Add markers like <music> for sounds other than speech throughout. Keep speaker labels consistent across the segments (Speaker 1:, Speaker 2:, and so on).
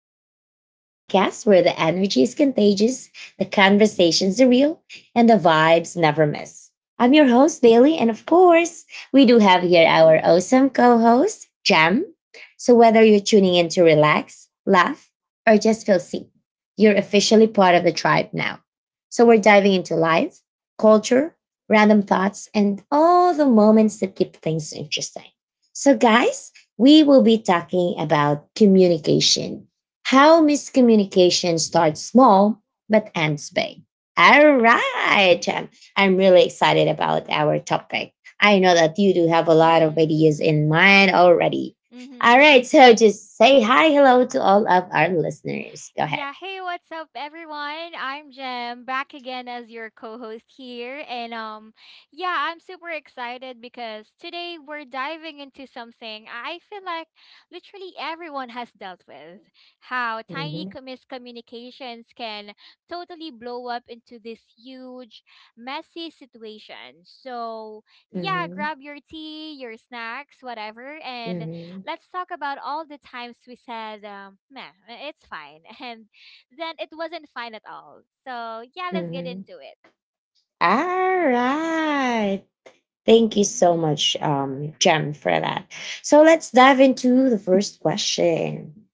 Speaker 1: Tribe, the podcast where the energy is contagious, the conversations are real, and the vibes never miss. I'm your host, Bailey, and of course, we do have here our awesome co host, Jam. So, whether you're tuning in to relax, laugh, or just feel seen, you're officially part of the tribe now. So, we're diving into life, culture, random thoughts, and all the moments that keep things interesting. So, guys, we will be talking about communication, how miscommunication starts small but ends big. All right. I'm really excited about our topic. I know that you do have a lot of ideas in
Speaker 2: Mm-hmm.
Speaker 1: mind already. All right.
Speaker 2: Mm-hmm.
Speaker 1: So just say hi, hello to all of our listeners. Go ahead.
Speaker 2: Yeah, hey, what's up everyone? I'm Jem, back again as your co-host here. And yeah, I'm super excited because today we're diving into something I feel like literally everyone has dealt with. How tiny
Speaker 1: Mhm,
Speaker 2: miscommunications can totally blow up into this huge, messy situation. So, yeah,
Speaker 1: mhm,
Speaker 2: grab your tea, your snacks, whatever, and
Speaker 1: mhm,
Speaker 2: let's talk about all the times we said, meh, eh, it's fine. <laughs> And then it wasn't fine at all. So, yeah, let's get
Speaker 1: mhm.
Speaker 2: into it.
Speaker 1: All right. Thank you so
Speaker 2: Mm-hmm.
Speaker 1: much, Jem, for that. So let's dive into the first question.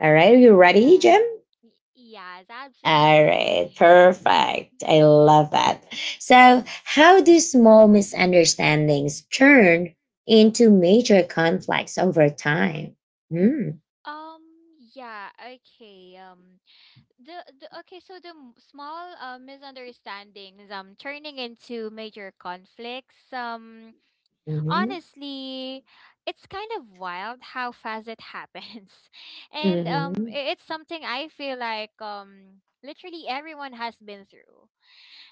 Speaker 1: All right, are
Speaker 2: Oh,
Speaker 1: you ready,
Speaker 2: yeah.
Speaker 1: Jem?
Speaker 2: Y- yes,
Speaker 1: All
Speaker 2: absolutely.
Speaker 1: right,
Speaker 2: <laughs>
Speaker 1: perfect. I love that. So, how do small misunderstandings turn into major conflicts over time? Mm,
Speaker 2: Um, yeah, okay. The, the okay, so the small misunderstandings turning into major conflicts.
Speaker 1: mhm,
Speaker 2: Honestly, it's kind of wild how fast it happens. <laughs> And
Speaker 1: mhm,
Speaker 2: it's something I feel like literally everyone has been through.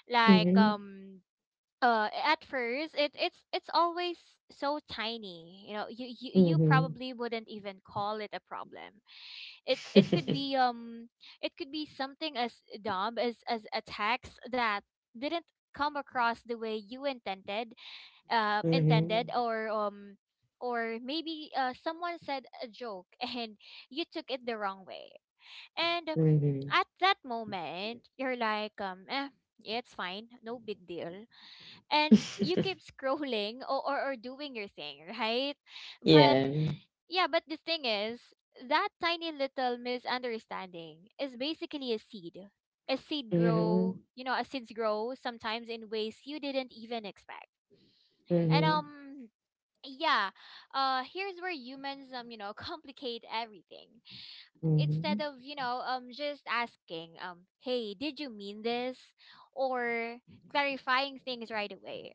Speaker 2: Like
Speaker 1: mhm,
Speaker 2: at first it's always so tiny. You know, you
Speaker 1: mhm,
Speaker 2: probably wouldn't even call it a problem. It it could be
Speaker 1: <laughs>
Speaker 2: um it could be something as dumb as a text that didn't come across the way you intended
Speaker 1: mhm,
Speaker 2: or maybe someone said a joke <laughs> and you took it the wrong way, and
Speaker 1: mhm.
Speaker 2: at that moment you're like, eh, yeah, it's fine, no big deal, and you
Speaker 1: <laughs>
Speaker 2: keep scrolling, or doing your thing, right? But
Speaker 1: Yeah.
Speaker 2: yeah, but the thing is, that tiny little misunderstanding is basically a seed grow
Speaker 1: Mhm,
Speaker 2: a seeds grow sometimes in ways you didn't even expect. And
Speaker 1: mhm,
Speaker 2: yeah here's where humans, you know, <laughs> complicate everything. Instead
Speaker 1: mhm,
Speaker 2: of, just asking, hey, did you mean this, or clarifying things right away,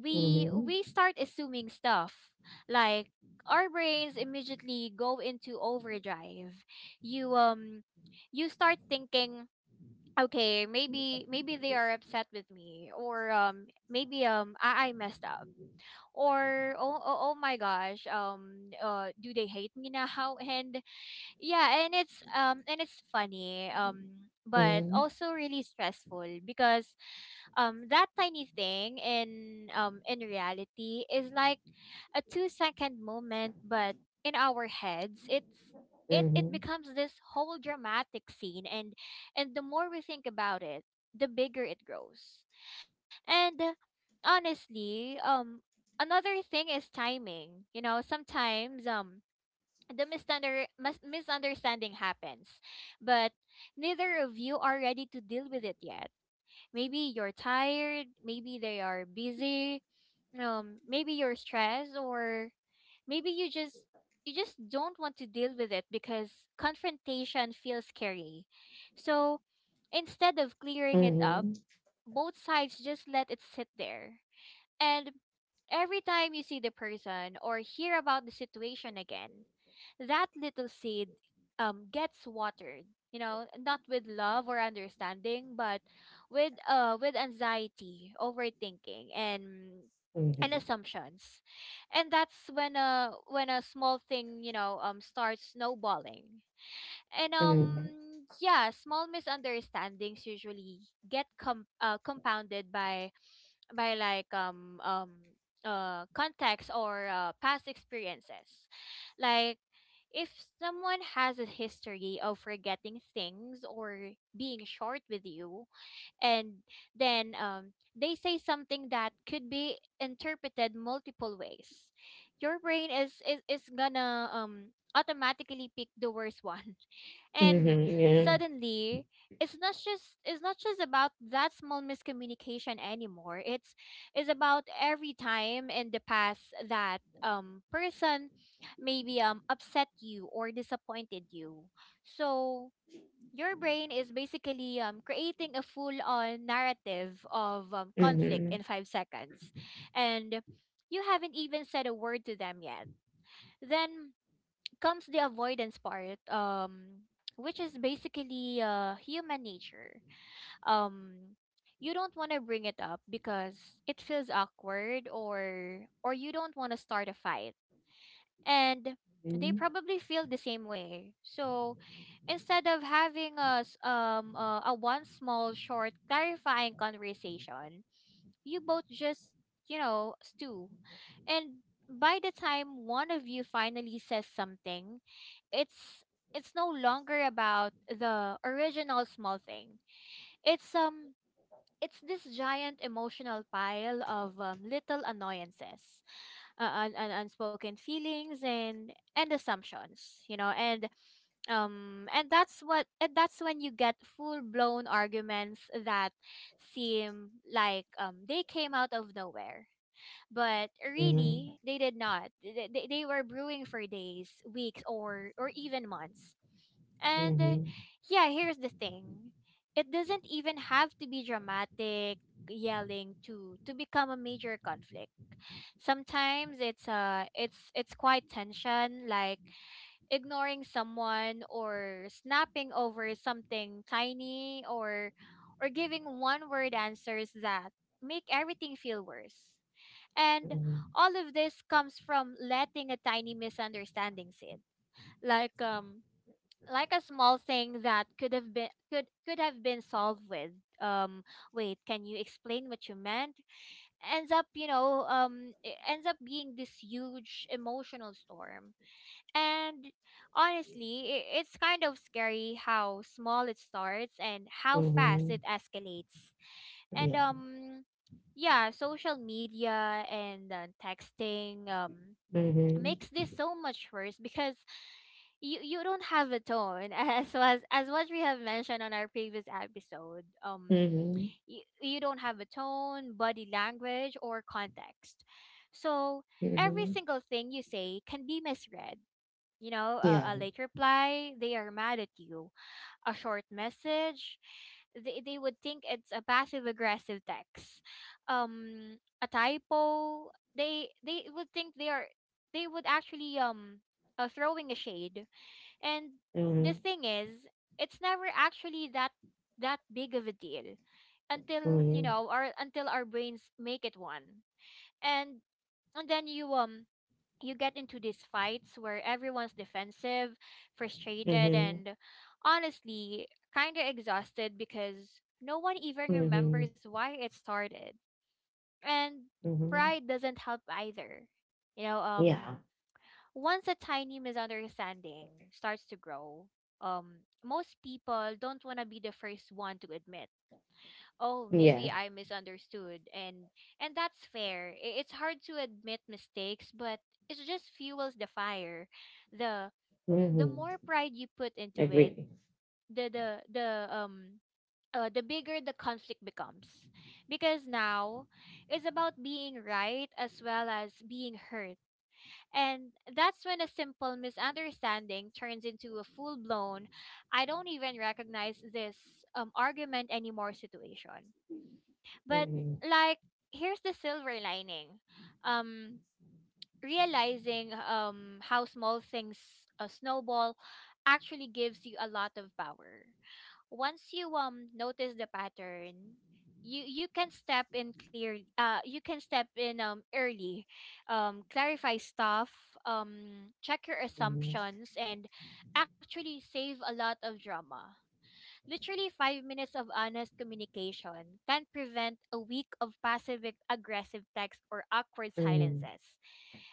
Speaker 2: we
Speaker 1: mhm.
Speaker 2: we start assuming stuff. Like, our brains immediately go into overdrive. You um you start thinking, okay, maybe they are upset with me, or maybe I messed up, or oh my gosh, do they hate me now? <laughs> And yeah, and it's funny, but
Speaker 1: Mhm,
Speaker 2: also really stressful, because that tiny thing in, in reality, is like a 2-second moment, but in our heads it
Speaker 1: mhm,
Speaker 2: becomes this whole dramatic scene. And the more we think about it, the bigger it grows. And honestly, another thing is timing. You know, sometimes the misunderstanding happens, but neither of you are ready to deal with it yet. Maybe you're tired, maybe they are busy, maybe you're stressed, or maybe you just, you just don't want to deal with it because confrontation feels scary. So instead of clearing it up,
Speaker 1: mhm,
Speaker 2: both sides just let it sit there, and every time you see the person or hear about the situation again, that little seed gets watered. You know, not with love or understanding, but with, with anxiety, overthinking, and
Speaker 1: mhm,
Speaker 2: assumptions. And that's when a, when a small thing, you know, starts snowballing. And
Speaker 1: mhm,
Speaker 2: yeah, small misunderstandings usually get compounded by, like context or past experiences. Like, if someone has a history of forgetting things or being short with you, and then, they say something that could be interpreted multiple ways, your brain is gonna, automatically pick the worst one. <laughs> And
Speaker 1: mhm, yeah,
Speaker 2: suddenly, it's not just about that small miscommunication anymore. It's is about every time in the past that person maybe upset you or disappointed you. So your brain is basically, creating a full-on narrative of, conflict
Speaker 1: mhm,
Speaker 2: in 5 seconds, and you haven't even said a word to them yet. Then comes the avoidance part, which is basically, human nature. Um, you don't want to bring it up because it feels awkward, or you don't want to start a fight, and they
Speaker 1: mhm,
Speaker 2: probably feel the same way. So instead of having a one small short clarifying conversation, you both just, stew, and by the time one of you finally says something, it's it's no longer about the original small thing. It's um it's this giant emotional pile of, little annoyances, unspoken feelings, and assumptions, and that's when you get full blown arguments that seem like, they came out of nowhere, but really
Speaker 1: mhm,
Speaker 2: they did not. They were brewing for days, weeks, or even months. And
Speaker 1: mhm,
Speaker 2: yeah, here's the thing. It doesn't even have to be dramatic yelling to become a major conflict. Sometimes it's quite tension, like ignoring someone, or snapping over something tiny, or giving one word answers that make everything feel worse. And all of this comes from letting a tiny misunderstanding sit. Like um like a small thing that could have been, could have been solved with, um wait, can you explain what you meant? Ends up, it ends up being this huge emotional storm. And honestly, it's kind of scary how small it starts and how
Speaker 1: mhm,
Speaker 2: fast
Speaker 1: mhm,
Speaker 2: it escalates. and
Speaker 1: yeah,
Speaker 2: um yeah, social media and, texting,
Speaker 1: mhm,
Speaker 2: makes this so much worse, because you don't have a tone <laughs> as was, as what we have mentioned on our previous episode.
Speaker 1: mhm,
Speaker 2: You don't have a tone, body language, or context, so every
Speaker 1: mhm,
Speaker 2: single thing you say can be misread. You know, a
Speaker 1: yeah,
Speaker 2: late reply, they are mad at you. A short message, they would think it's a passive aggressive text. A typo, they would think they would actually, throwing a shade. And the
Speaker 1: mhm,
Speaker 2: thing is, it's never actually that big of a deal until,
Speaker 1: mhm,
Speaker 2: or until our brains make it one. And and then you get into these fights where everyone's defensive, frustrated,
Speaker 1: mhm,
Speaker 2: and honestly kind of exhausted because no one even remembers
Speaker 1: mhm,
Speaker 2: why it started. And
Speaker 1: mhm,
Speaker 2: pride doesn't help either. You know,
Speaker 1: yeah,
Speaker 2: once a tiny misunderstanding starts to grow, um, most people don't want to be the first one to admit, oh, maybe
Speaker 1: yes,
Speaker 2: I misunderstood. And that's fair. It's hard to admit mistakes, but it just fuels the fire. The the
Speaker 1: mhm,
Speaker 2: more pride you put into it,
Speaker 1: agree,
Speaker 2: the the the um the bigger the conflict becomes, because now it's about being right as well as being hurt, and that's when a simple misunderstanding turns into a full blown, I don't even recognize this, argument anymore situation. But
Speaker 1: mhm,
Speaker 2: like, here's the silver lining. Um Realizing how small things, snowball, actually gives you a lot of power. Once you, notice the pattern, you can step in, early. Clarify stuff, check your
Speaker 1: mhm,
Speaker 2: assumptions, and actually save a lot of drama. Literally, 5 minutes of honest communication can prevent a week of passive, aggressive texts or awkward
Speaker 1: mhm,
Speaker 2: silences.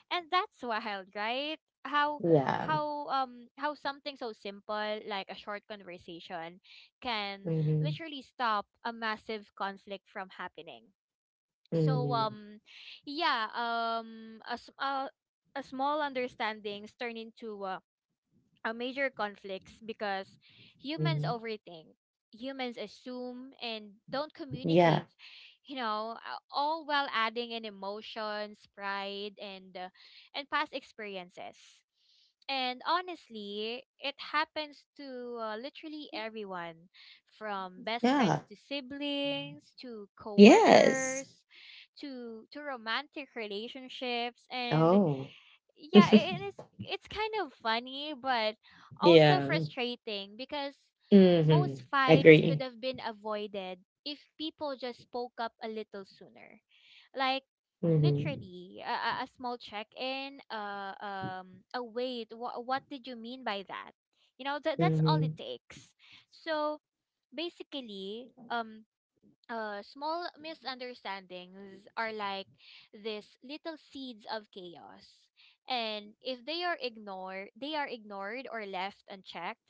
Speaker 2: And that's wild, right? How
Speaker 1: yeah,
Speaker 2: how um how something so simple like a short conversation can
Speaker 1: mhm,
Speaker 2: literally stop a massive conflict from happening. So
Speaker 1: mhm,
Speaker 2: um yeah, a, s- a small understandings turn into, major conflicts because humans
Speaker 1: mhm,
Speaker 2: overthink, humans assume, and don't
Speaker 1: yeah,
Speaker 2: communicate, all while adding in emotions, pride, and, and past experiences. And honestly, it happens to, literally everyone, from best friends,
Speaker 1: yeah,
Speaker 2: to siblings, to
Speaker 1: yes,
Speaker 2: coworkers, to romantic relationships. And
Speaker 1: oh.
Speaker 2: yeah,
Speaker 1: <laughs>
Speaker 2: it's kind of funny, but also
Speaker 1: Yeah.
Speaker 2: frustrating, because most
Speaker 1: Mhm.
Speaker 2: fights could
Speaker 1: Agree.
Speaker 2: have been avoided if people just spoke up a little sooner. Like,
Speaker 1: Mhm.
Speaker 2: literally a small check-in, a wait, what did you mean by that? You know, that's all it
Speaker 1: Mhm.
Speaker 2: takes. So basically, small misunderstandings are like this little seeds of chaos. And if they are ignored, or left unchecked,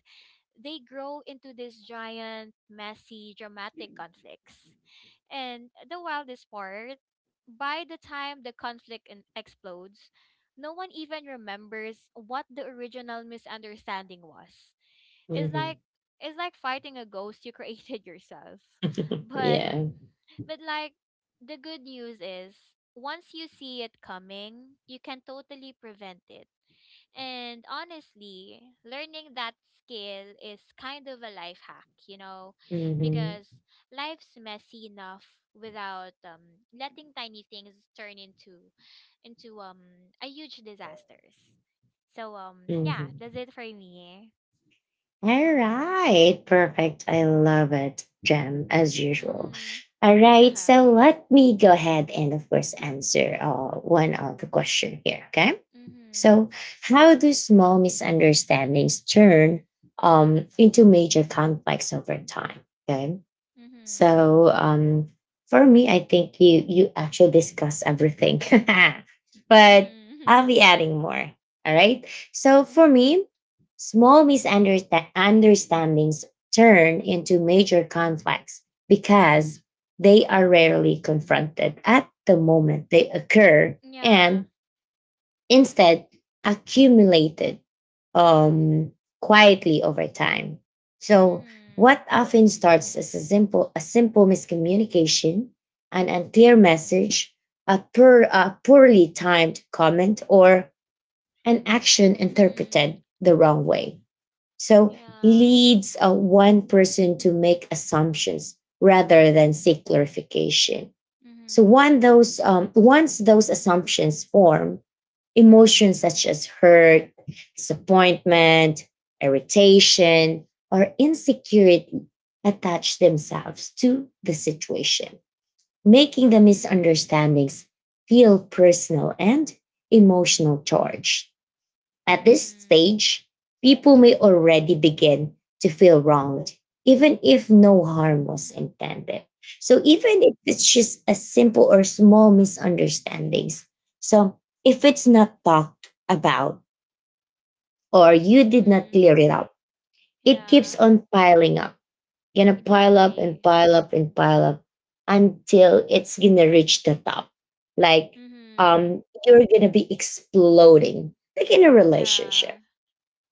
Speaker 2: they grow into this giant, messy, dramatic conflicts. And the wildest part, by the time the conflict explodes, no one even remembers what the original misunderstanding was. It's like
Speaker 1: Mhm.
Speaker 2: it's like fighting a ghost you <laughs> created yourself. But
Speaker 1: Yeah.
Speaker 2: but like, the good news is, once you see it coming, you can totally prevent it. And honestly, learning that skill is kind of a life hack, you know,
Speaker 1: Mhm.
Speaker 2: because life's messy enough without letting tiny things turn into a huge disasters. So yeah, that's
Speaker 1: Mhm.
Speaker 2: it for me.
Speaker 1: All
Speaker 2: Mhm.
Speaker 1: right. Perfect. I love it, Jem, as usual.
Speaker 2: Mhm.
Speaker 1: All
Speaker 2: <laughs>
Speaker 1: right.
Speaker 2: Yeah.
Speaker 1: So let me go ahead and, of course, answer one of the question here. Okay.
Speaker 2: Mhm.
Speaker 1: So, how do small misunderstandings turn into major conflicts over time? Okay.
Speaker 2: Mhm.
Speaker 1: So for me, I think you actually discuss everything, <laughs> but I'll
Speaker 2: Mhm.
Speaker 1: be adding more. All right. So
Speaker 2: <laughs>
Speaker 1: for
Speaker 2: Mhm.
Speaker 1: me, small misunderstandings turn into major conflicts because they are rarely confronted at the moment they occur
Speaker 2: Yeah.
Speaker 1: and instead accumulated um, quietly over time. So,
Speaker 2: Mhm.
Speaker 1: what often starts as a simple miscommunication, an unclear message, a, poor, a poorly timed comment, or an action
Speaker 2: Mhm.
Speaker 1: interpreted the wrong way. So,
Speaker 2: Yeah.
Speaker 1: leads one person to make assumptions rather than seek clarification. So,
Speaker 2: Mhm.
Speaker 1: one those, once those assumptions form, emotions such as hurt, disappointment, irritation, or insecurity attach themselves to the situation, making the
Speaker 2: Mhm.
Speaker 1: misunderstandings feel personal and emotional charged. At this
Speaker 2: Mhm.
Speaker 1: stage, people may already begin to feel wronged, even if no harm was intended. So even if it's just a simple or small misunderstandings, so if it's not talked about or you did not
Speaker 2: Mhm.
Speaker 1: clear it up, it keeps
Speaker 2: Yeah.
Speaker 1: on piling up, gonna pile up and
Speaker 2: Exactly.
Speaker 1: pile up and pile up until it's gonna reach the top. Like
Speaker 2: Mhm.
Speaker 1: you're gonna be exploding, like in a relationship.
Speaker 2: Yeah.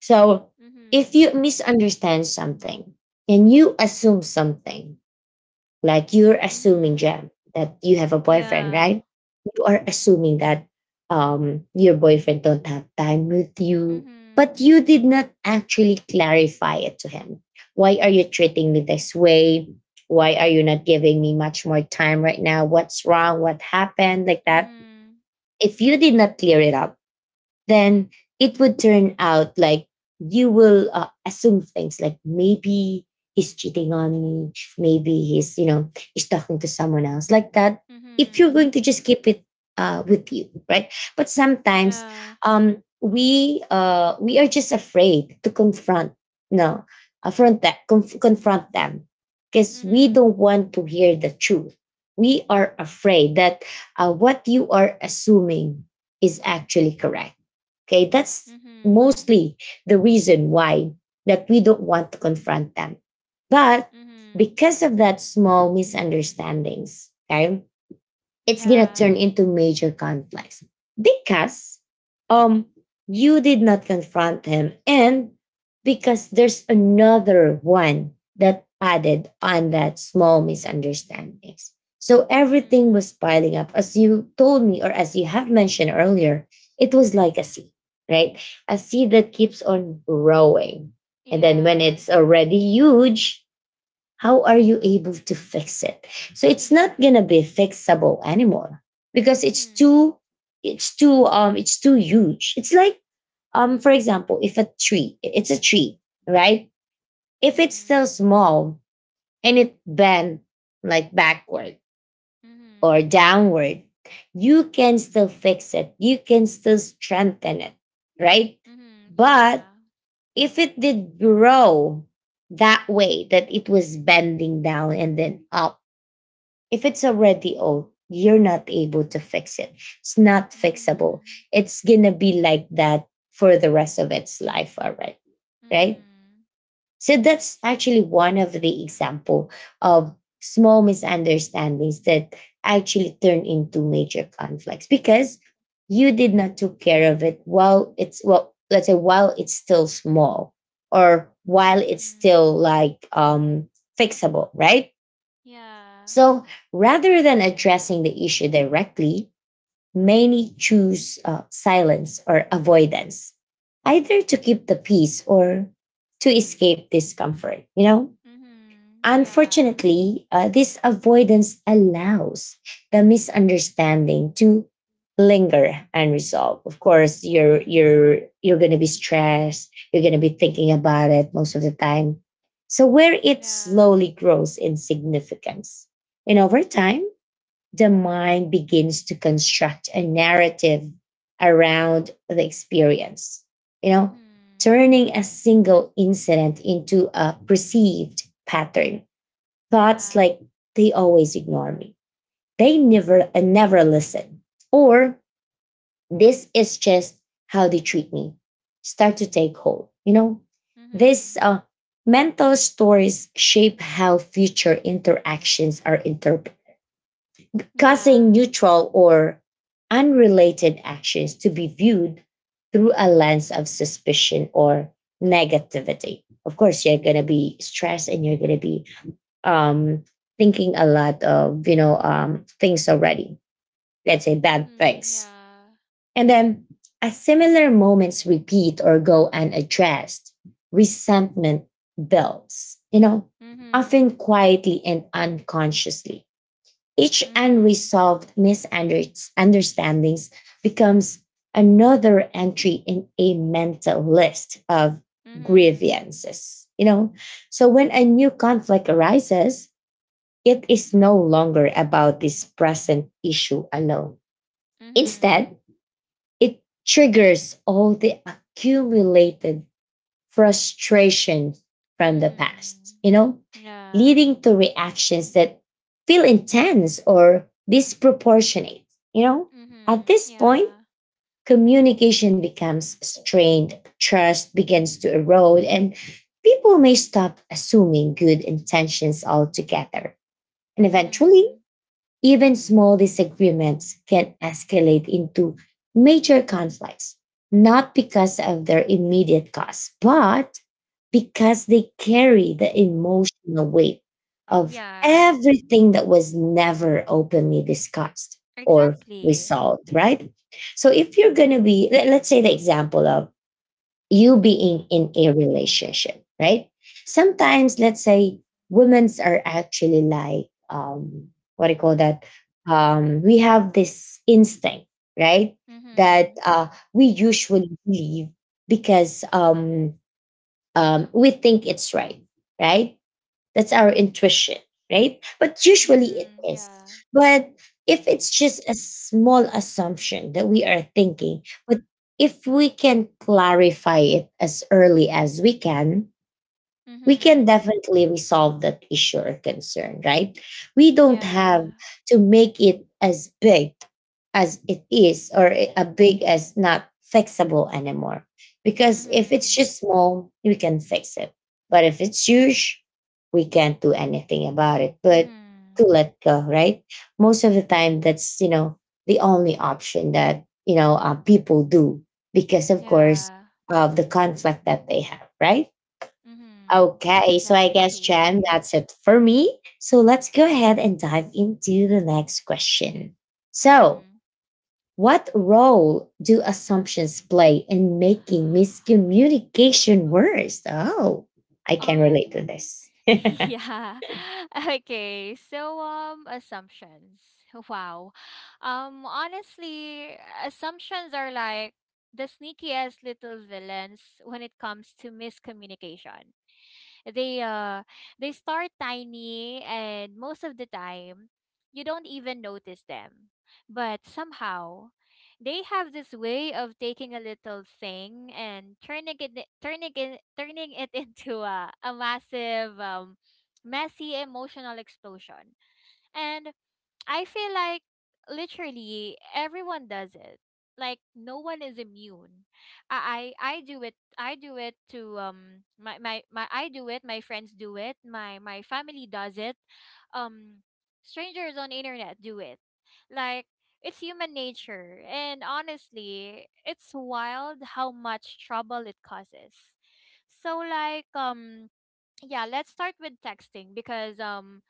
Speaker 1: So if
Speaker 2: Mhm.
Speaker 1: you misunderstand something and you assume something, like you're assuming,
Speaker 2: Mhm.
Speaker 1: Jam, that you have a boyfriend,
Speaker 2: Yeah.
Speaker 1: right? You are assuming that your boyfriend don't have time with you, but
Speaker 2: Mhm.
Speaker 1: you did not actually clarify it to him. Why are you treating me this way? Why are you not giving me much more time right now? What's wrong? What happened? Like that.
Speaker 2: Mhm.
Speaker 1: If you did not clear it up, then it would turn out like you will assume things like maybe he's cheating on me, maybe he's, you know, he's talking to someone else, like that, if you're
Speaker 2: Mhm.
Speaker 1: going to just keep it with you, right? But sometimes
Speaker 2: Yeah.
Speaker 1: we are just afraid to confront, no, affront, that confront them, because we don't
Speaker 2: Mhm.
Speaker 1: want to hear the truth. We are afraid that what you are assuming is actually correct. Okay, that's
Speaker 2: Mhm.
Speaker 1: mostly the reason why that we don't want to confront them. But
Speaker 2: Mhm.
Speaker 1: because of that small misunderstandings, okay, it's gonna turn
Speaker 2: Yeah.
Speaker 1: into major conflicts because um you did not confront him, and because there's another one that added on that small misunderstandings, so everything was
Speaker 2: Mhm.
Speaker 1: piling up, as you told me, or as you have mentioned earlier, it was like a sea, right? A sea that keeps on growing, and then when
Speaker 2: Yeah.
Speaker 1: it's already huge, how are you able to fix it? So it's not going to
Speaker 2: Exactly.
Speaker 1: be fixable anymore, because it's
Speaker 2: Mhm.
Speaker 1: too it's too um it's too huge. It's like for example, if a tree, it's a tree, right? If it's still
Speaker 2: Mhm.
Speaker 1: small and it bent like backward or
Speaker 2: Mhm.
Speaker 1: downward, you can still fix it, you can still strengthen it, right?
Speaker 2: Mhm.
Speaker 1: But
Speaker 2: Yeah.
Speaker 1: if it did grow that way, that it was bending down and then up, if it's already old, you're not able to fix it. It's not fixable.
Speaker 2: Mhm.
Speaker 1: It's gonna be like that for the rest of its life already, right?
Speaker 2: Mhm.
Speaker 1: So that's actually one of the example of small misunderstandings that actually turn into major conflicts because you did not took care of it while it's, well, let's say, while it's still small, or while it's
Speaker 2: Mhm.
Speaker 1: still like fixable, right?
Speaker 2: Yeah.
Speaker 1: So rather than addressing the issue directly, many choose silence or avoidance, either to keep the peace or to escape discomfort, you know?
Speaker 2: Mhm. Yeah.
Speaker 1: Unfortunately, this avoidance allows the misunderstanding to linger unresolved. Of course, you're
Speaker 2: Mhm.
Speaker 1: you're you're going to be stressed. You're going to be thinking about it most of the time. So where it
Speaker 2: Yeah.
Speaker 1: slowly grows in significance, and over time, the mind begins to construct a narrative around the experience. You know,
Speaker 2: Mhm.
Speaker 1: turning a single incident into a perceived pattern. Thoughts
Speaker 2: Yeah.
Speaker 1: like, they always ignore me. They never, never listen. Or, this is just how they treat me. Start to take hold. You know, this
Speaker 2: Mhm.
Speaker 1: mental stories shape how future interactions are interpreted, causing
Speaker 2: Yeah.
Speaker 1: neutral or unrelated actions to be viewed through a lens of suspicion or negativity. Of course, you're going to be stressed and you're going to be um, thinking a lot of, you know, things already. Let's say bad
Speaker 2: Mhm.
Speaker 1: things,
Speaker 2: Yeah.
Speaker 1: and then as similar moments repeat or go unaddressed, resentment builds. You know, often
Speaker 2: Mhm.
Speaker 1: quietly and unconsciously. Each
Speaker 2: Mhm.
Speaker 1: unresolved misunderstandings becomes another entry in a mental list of
Speaker 2: Mhm.
Speaker 1: grievances. You know, so when a new conflict arises, it is no longer about this present issue alone.
Speaker 2: Mhm.
Speaker 1: Instead, it triggers all the accumulated frustration from the past,
Speaker 2: Mhm.
Speaker 1: you know,
Speaker 2: Yeah.
Speaker 1: leading to reactions that feel intense or disproportionate. You know, at
Speaker 2: Mhm.
Speaker 1: this point,
Speaker 2: Yeah.
Speaker 1: communication becomes strained, trust begins to erode, and people may stop assuming good intentions altogether. And eventually,
Speaker 2: Mhm.
Speaker 1: even small disagreements can escalate into major conflicts, not because of their immediate cause, but because they carry the emotional weight of
Speaker 2: Yeah.
Speaker 1: everything that was never openly discussed or
Speaker 2: Exactly.
Speaker 1: resolved, right? So if you're going to be, let's say the example of you being in a relationship, right? Sometimes, let's say, women's are actually like, what do you call that? We have this instinct, right? That
Speaker 2: Mhm.
Speaker 1: we usually believe because we think it's right, right? That's our intuition, right? But usually it
Speaker 2: Mhm.
Speaker 1: is.
Speaker 2: Yeah.
Speaker 1: But if it's just a small assumption that we are thinking, but if we can clarify it as early as we can
Speaker 2: Mhm.
Speaker 1: definitely resolve that issue or concern, right? We don't
Speaker 2: Yeah.
Speaker 1: have to make it as big as it is, or a big as not fixable anymore. Because if it's
Speaker 2: Mhm.
Speaker 1: just small, we can fix it. But if it's huge, we can't do anything about it. But to
Speaker 2: Mhm.
Speaker 1: let go, right? Most of the time, that's, you know, the only option that, you know, people do because, of course,
Speaker 2: Yeah.
Speaker 1: of the conflict that they have, right?
Speaker 2: Mhm.
Speaker 1: Okay, so I
Speaker 2: Exactly.
Speaker 1: guess, Jan, that's
Speaker 2: <laughs>
Speaker 1: it for me. So let's go ahead and dive into the next question. So,
Speaker 2: Mhm.
Speaker 1: what role do assumptions play in making miscommunication worse? Oh, I can relate to
Speaker 2: Um,
Speaker 1: this.
Speaker 2: <laughs> yeah. <laughs> Okay. Assumptions. <laughs> Wow. Honestly, assumptions are like the sneakiest little villains when it comes to miscommunication. They uh they start tiny, and most of the time you don't even notice them. But somehow they have this way of taking a little thing and turning it <laughs> into a massive messy emotional explosion, and I feel like literally everyone does it. Like no one is immune. I do it. I do it to my, my my I do it. My friends do it. My family does it. Um, strangers on internet do it. Like it's human nature, and honestly, it's wild how much trouble it causes. So yeah, let's start with texting because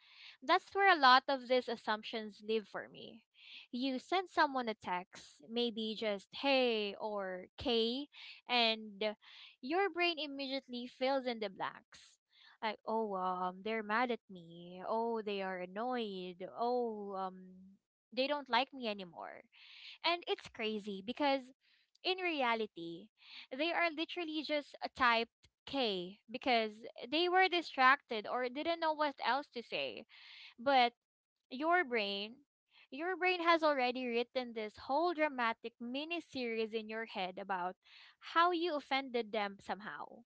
Speaker 2: that's where a lot of these assumptions live for me. You send someone a text, maybe just hey or K, and your brain immediately fills in the blanks. Like, oh, they're mad at me. Oh, they are annoyed. Oh, they don't like me anymore. And it's crazy because in reality, they are literally just typed K because they were distracted or didn't know what else to say. But your brain, your brain has already written this whole dramatic mini series in your head about how you offended them somehow.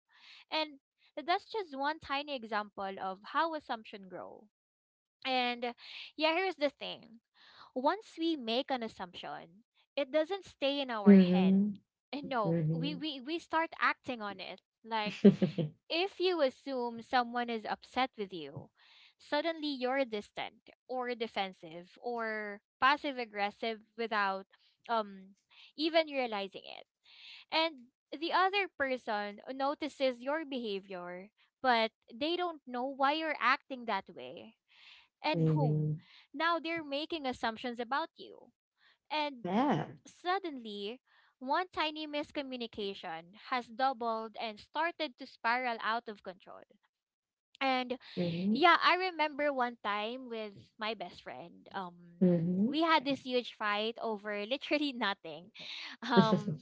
Speaker 2: And that's just one tiny example of how assumption grow. And yeah, here's the thing. Once we make an assumption, it doesn't stay in our head.
Speaker 1: Mhm.
Speaker 2: And nope, we,
Speaker 1: Mhm.
Speaker 2: we, we start acting on it. Like,
Speaker 1: Mhm. <laughs>
Speaker 2: if you assume someone is upset with you, suddenly you're distant or defensive or passive aggressive without um even realizing it. And the other person notices your behavior, but they don't know why you're acting that way. And boom, now they're making assumptions about you. And
Speaker 1: Yeah.
Speaker 2: suddenly, one tiny miscommunication has doubled and started to spiral out of control. And
Speaker 1: Mhm.
Speaker 2: yeah, I remember one time with my best friend.
Speaker 1: Mhm.
Speaker 2: We had this huge fight over literally nothing. <laughs> Um,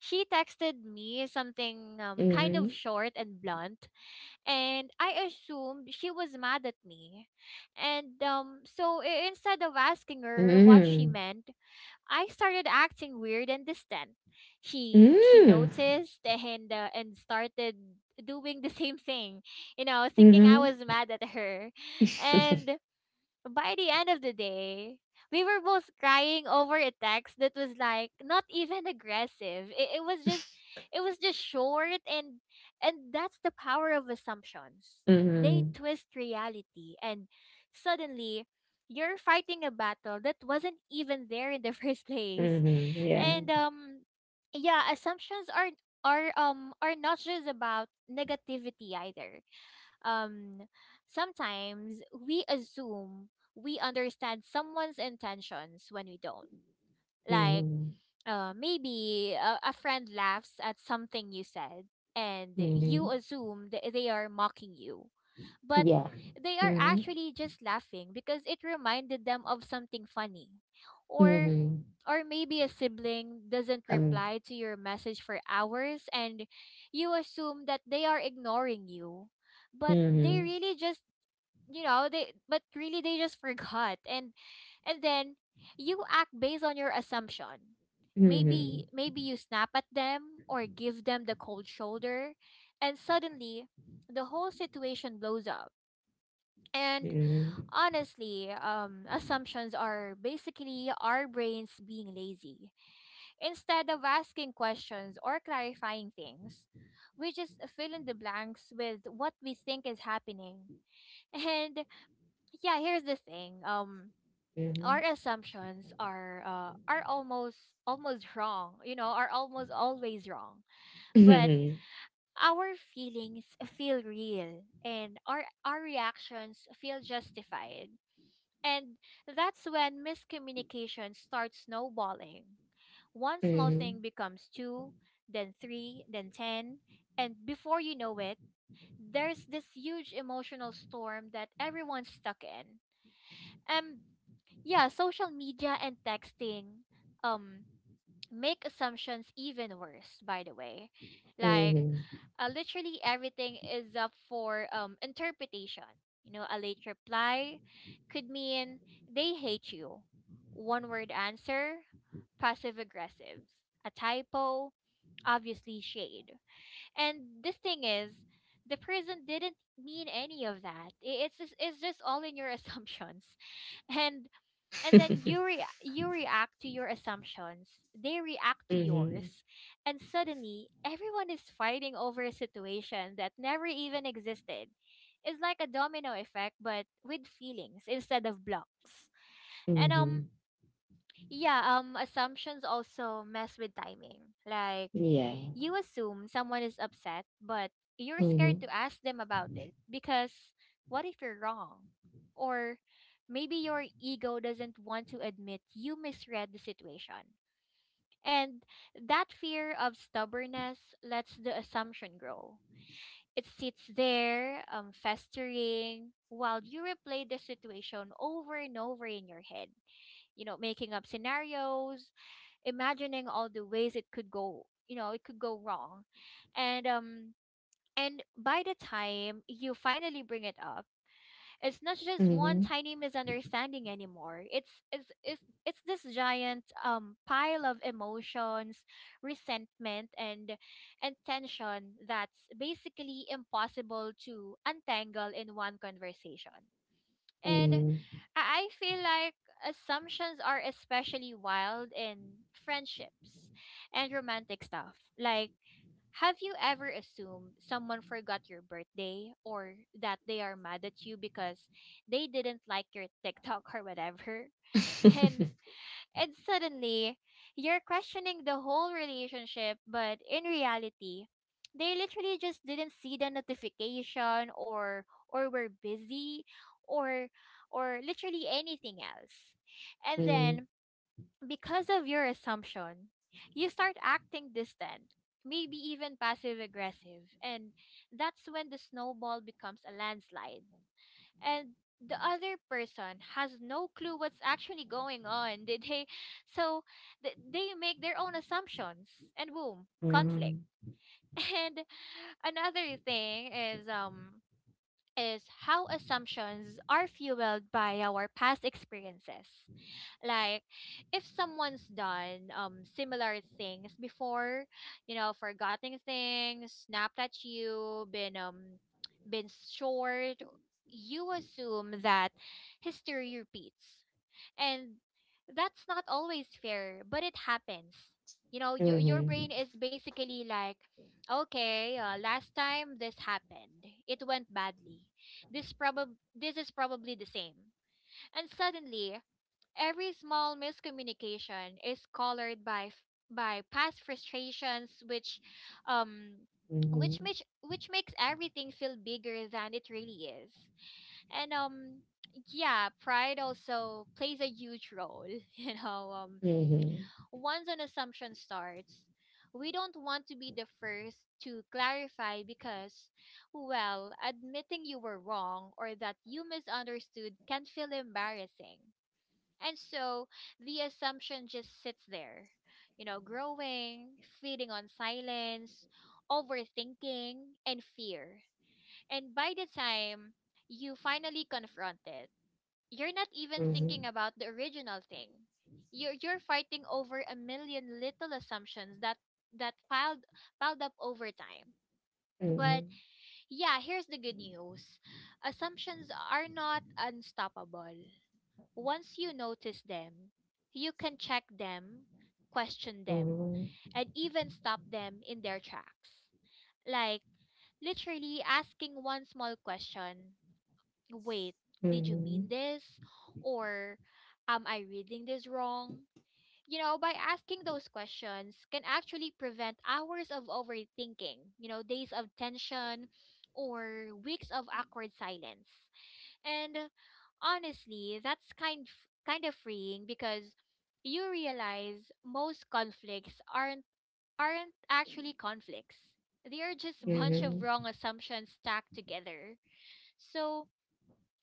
Speaker 2: she texted me something
Speaker 1: Mhm.
Speaker 2: kind of
Speaker 1: Mm.
Speaker 2: short and blunt, and I assumed she was mad at me. And so instead of asking her what she meant, I started acting weird and distant. She
Speaker 1: Mm.
Speaker 2: noticed and started doing the same thing, you know, thinking I
Speaker 1: Mhm.
Speaker 2: was mad at her. And by the end of the day, we were both crying over a text that was like not even aggressive. It was just short, and that's the power of assumptions.
Speaker 1: Mhm.
Speaker 2: They
Speaker 1: Mhm. <laughs>
Speaker 2: twist reality and suddenly you're fighting a battle that wasn't even there in the <laughs> first place.
Speaker 1: <laughs> Yeah.
Speaker 2: And yeah, assumptions are not just about negativity either. Um, sometimes we assume we understand someone's intentions when we don't. Like,
Speaker 1: Mhm.
Speaker 2: maybe a friend laughs at something you said, and you
Speaker 1: Mhm.
Speaker 2: assume that they are mocking you. But
Speaker 1: Yeah.
Speaker 2: they are
Speaker 1: Mhm.
Speaker 2: actually just laughing because it reminded them of something funny. Or
Speaker 1: Mhm.
Speaker 2: or maybe a sibling doesn't
Speaker 1: Um.
Speaker 2: reply to your message for hours, and you assume that they are ignoring you. But they
Speaker 1: Mhm.
Speaker 2: really just, you know, they but really they just <laughs> forgot, and then you act based on your assumption. Maybe
Speaker 1: Mhm.
Speaker 2: maybe you snap at them or give them the cold shoulder, and suddenly the whole situation blows up. And
Speaker 1: Mhm.
Speaker 2: honestly, assumptions are basically our brains being lazy instead of asking questions or clarifying things. We just fill in the blanks with what we think is happening. <laughs> And yeah, here's the thing. Our
Speaker 1: Mhm.
Speaker 2: assumptions are almost wrong, you know, are almost always wrong. But
Speaker 1: Mhm. <laughs>
Speaker 2: our feelings feel real, and our reactions feel justified. And that's when miscommunication starts snowballing. One small thing
Speaker 1: Mhm.
Speaker 2: becomes two, then three, then ten, and before you know it, there's this huge emotional storm that everyone's stuck in. Um yeah, social media and texting Um make assumptions even worse, by the way. Like,
Speaker 1: Mhm.
Speaker 2: literally everything is up for interpretation. You know, a late reply could mean they hate you, one word answer, passive aggressive, a typo, obviously shade. And this thing is, the person didn't mean any of that. I- it's just all in your <laughs> assumptions, and and then
Speaker 1: <laughs>
Speaker 2: you react to your assumptions, they react to
Speaker 1: Mhm.
Speaker 2: yours, and suddenly everyone is fighting over a situation that never even existed. It's like a domino effect but with feelings instead of blocks. And
Speaker 1: Mhm.
Speaker 2: yeah, assumptions also mess with timing. Like,
Speaker 1: Yeah.
Speaker 2: you assume someone is upset, but you're scared to
Speaker 1: Mhm.
Speaker 2: ask them about it because what if you're wrong? Or maybe your ego doesn't want to admit you misread the situation. And that fear of stubbornness lets the assumption grow. It sits there, festering, while you replay the situation over and over in your head, you know, making up scenarios, imagining all the ways it could go you know it could go wrong. And and by the time you finally bring it up, it's not just one
Speaker 1: Mhm.
Speaker 2: tiny misunderstanding anymore. It's this giant pile of emotions, resentment, and tension that's basically impossible to untangle in one conversation. And
Speaker 1: Mhm.
Speaker 2: I feel like assumptions are especially wild in friendships and romantic stuff. Like, have you ever assumed someone forgot your birthday or that they are mad at you because they didn't like your TikTok or whatever? <laughs> And
Speaker 1: <laughs>
Speaker 2: and suddenly, you're questioning the whole relationship, but in reality, they literally just didn't see the notification, or were busy, or or literally anything else. And then because of your assumption, you start acting distant, maybe even passive aggressive, and that's when the snowball becomes a landslide, and the other person has no clue what's actually going on. <laughs> So they make their own assumptions, and boom, conflict.
Speaker 1: Mhm.
Speaker 2: <laughs> And another thing is how assumptions are fueled by our past experiences. Like, if someone's done similar things before, you know, forgotten things, snapped at you, been short, you assume that history repeats. And that's not always fair, but it happens. You know, your brain
Speaker 1: Mhm.
Speaker 2: is basically like, okay, last time this happened it went badly, this prob this is probably the same. And suddenly every small miscommunication is colored by by past frustrations, which, um,
Speaker 1: Mhm.
Speaker 2: which makes everything feel bigger than it really is. And yeah, pride also plays a huge role. <laughs> You know,
Speaker 1: Mhm.
Speaker 2: once an assumption starts, we don't want to be the first to clarify, because well, admitting you were wrong or that you misunderstood can feel embarrassing. And so the assumption just sits there, you know, growing, feeding on silence, overthinking, and fear. And by the time you finally confront it, you're not even thinking about the original thing. You're fighting over a million little assumptions that that piled piled up over time. But
Speaker 1: Mhm.
Speaker 2: yeah, here's the good news. Assumptions are not unstoppable. Once you notice them, you can check them, question them,
Speaker 1: Mhm. Mhm.
Speaker 2: and even stop them in their tracks. Like, literally asking one small question. Wait, did you mean
Speaker 1: Mhm.
Speaker 2: this? Or am I reading this wrong? You know, by asking those questions can actually prevent hours of overthinking, you know, days of tension or weeks of awkward silence. And honestly, that's kind of freeing, because you realize most conflicts aren't actually conflicts. They are just <laughs> a bunch of
Speaker 1: Mhm.
Speaker 2: wrong
Speaker 1: Mhm.
Speaker 2: assumptions stacked together. So,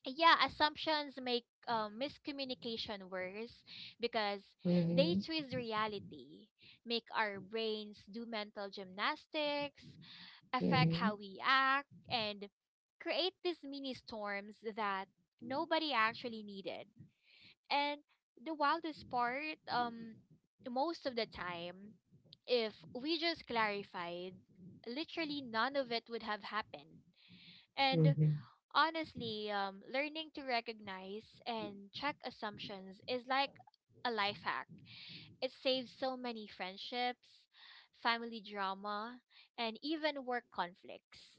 Speaker 2: yeah, assumptions make miscommunication worse because they
Speaker 1: Mhm.
Speaker 2: twist reality, make our brains do mental gymnastics,
Speaker 1: Mhm.
Speaker 2: affect how
Speaker 1: Mhm.
Speaker 2: we act, and create these mini storms that nobody actually needed. And the wildest part, most of the time, if we just clarified, literally none of it would have happened. And honestly, learning to recognize and check assumptions is like a life hack. It saves so many friendships, family drama, and even work conflicts.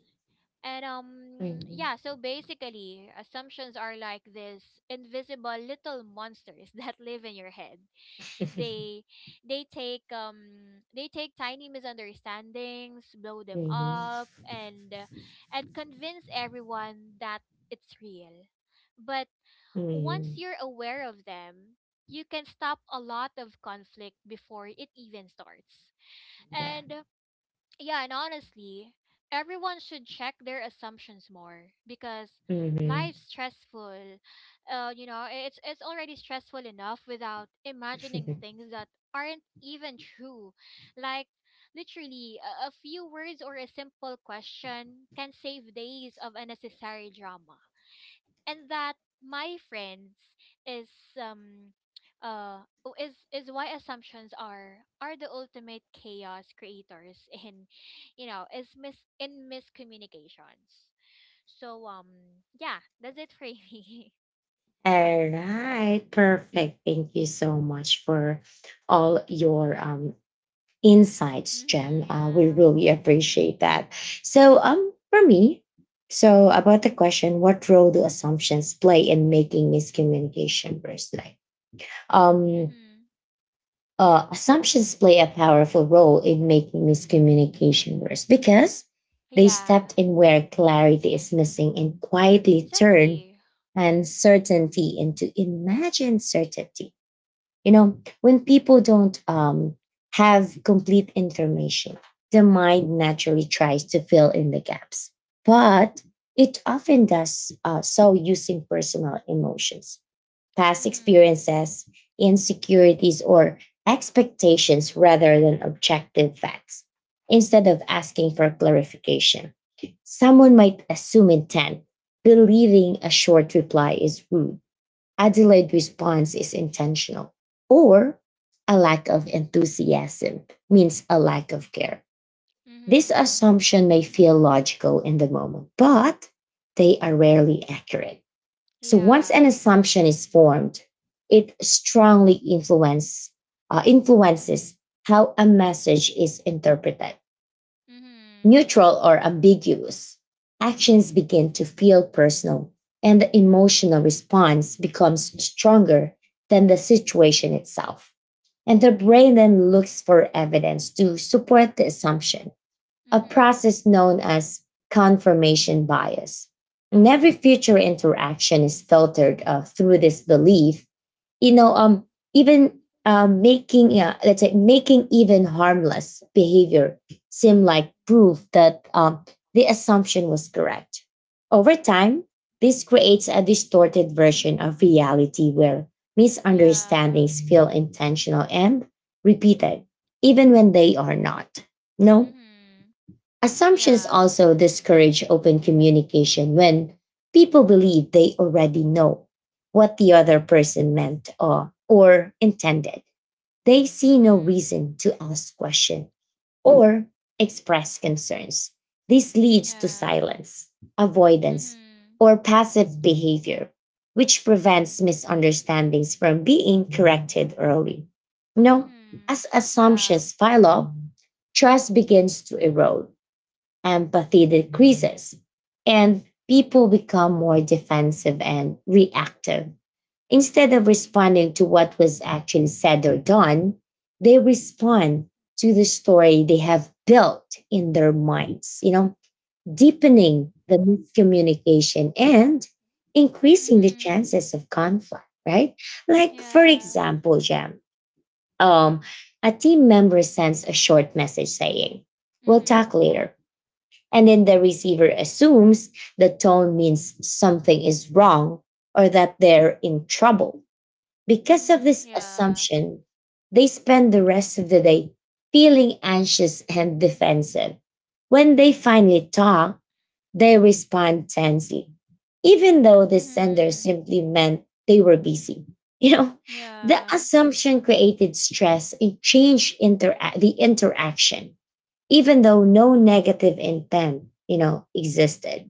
Speaker 2: And
Speaker 1: Mhm.
Speaker 2: yeah, so basically assumptions are like this invisible little monsters <laughs> that live in your head.
Speaker 1: <laughs>
Speaker 2: They they take tiny misunderstandings, blow them
Speaker 1: Mhm.
Speaker 2: up, and convince everyone that it's real. But once
Speaker 1: Mhm.
Speaker 2: you're aware of them, you can stop a lot of conflict before it even starts.
Speaker 1: Yeah.
Speaker 2: And yeah, and honestly, everyone should check their assumptions more, because
Speaker 1: Mhm.
Speaker 2: life's stressful. You know, it's already stressful enough without imagining
Speaker 1: <laughs>
Speaker 2: things that aren't even true. Like literally, a few words or a simple question can save days of unnecessary drama. And that, my friends, is um is why assumptions are the ultimate chaos creators in, you know is mis in miscommunications. So yeah, that's it for me.
Speaker 1: All right, perfect. Thank you so much for all your
Speaker 2: <laughs>
Speaker 1: insights,
Speaker 2: Hmm.
Speaker 1: Jen. We
Speaker 2: Yeah.
Speaker 1: really appreciate that. So, for me, so about the question, what role do assumptions play in making miscommunication worse? Like, um,
Speaker 2: Hmm.
Speaker 1: assumptions play a powerful role in making miscommunication worse because they
Speaker 2: Yeah.
Speaker 1: stepped in where clarity is missing and quietly turn
Speaker 2: Exactly.
Speaker 1: uncertainty into imagined certainty. You know, when people don't, have complete information, the mind naturally tries to fill in the gaps, but it often does, so using personal emotions, past
Speaker 2: Mm-hmm.
Speaker 1: experiences, insecurities, or expectations rather than objective facts. Instead of asking for clarification, someone might assume intent, believing a short reply is rude, a delayed response is intentional, or a lack of enthusiasm means a lack of care. This
Speaker 2: Hmm.
Speaker 1: assumption may feel logical in the moment, but they are rarely accurate. So once
Speaker 2: Yeah.
Speaker 1: an assumption is formed, it influences how a message is interpreted.
Speaker 2: Hmm.
Speaker 1: Neutral or ambiguous actions begin to feel personal and the emotional response becomes stronger than the situation itself. And the brain then looks for evidence to support the assumption, a
Speaker 2: Hmm.
Speaker 1: process known as confirmation bias. And every future interaction is filtered through this belief, you know, even making, yeah, let's say, making even harmless behavior seem like proof that the assumption was correct. Over time, this creates a distorted version of reality where
Speaker 2: Yeah.
Speaker 1: misunderstandings feel intentional and repeated, even when they are not. No.
Speaker 2: Hmm.
Speaker 1: Assumptions
Speaker 2: Yeah.
Speaker 1: also discourage open communication. When people believe they already know what the other person meant or intended, they see no
Speaker 2: Hmm.
Speaker 1: reason to ask questions or express concerns. This leads to
Speaker 2: Yeah.
Speaker 1: silence, avoidance,
Speaker 2: Mhm.
Speaker 1: or passive behavior, which prevents misunderstandings from being corrected early. You know,
Speaker 2: Mhm.
Speaker 1: as
Speaker 2: Yeah.
Speaker 1: assumptions pile up, trust begins to erode, empathy decreases, and people become more defensive and reactive. Instead of
Speaker 2: Mhm.
Speaker 1: responding to what was actually said or done, they respond to the story they have built in their minds, you know, deepening the miscommunication and increasing the
Speaker 2: Mhm.
Speaker 1: chances of conflict, right? Like, for
Speaker 2: Yeah.
Speaker 1: example, Jam, um, a team member sends a short message saying, "We'll
Speaker 2: Mhm.
Speaker 1: talk later," and then the receiver assumes the tone means something is wrong or that they're in trouble. Because of
Speaker 2: Mhm.
Speaker 1: this
Speaker 2: Yeah.
Speaker 1: assumption, they spend the rest of the day feeling anxious and defensive. When they finally talk, they respond tensely, even though the sender
Speaker 2: Mhm.
Speaker 1: simply meant they were busy. <laughs> You know, the
Speaker 2: Yeah.
Speaker 1: assumption created stress and changed the interaction even though no negative intent, you know, existed.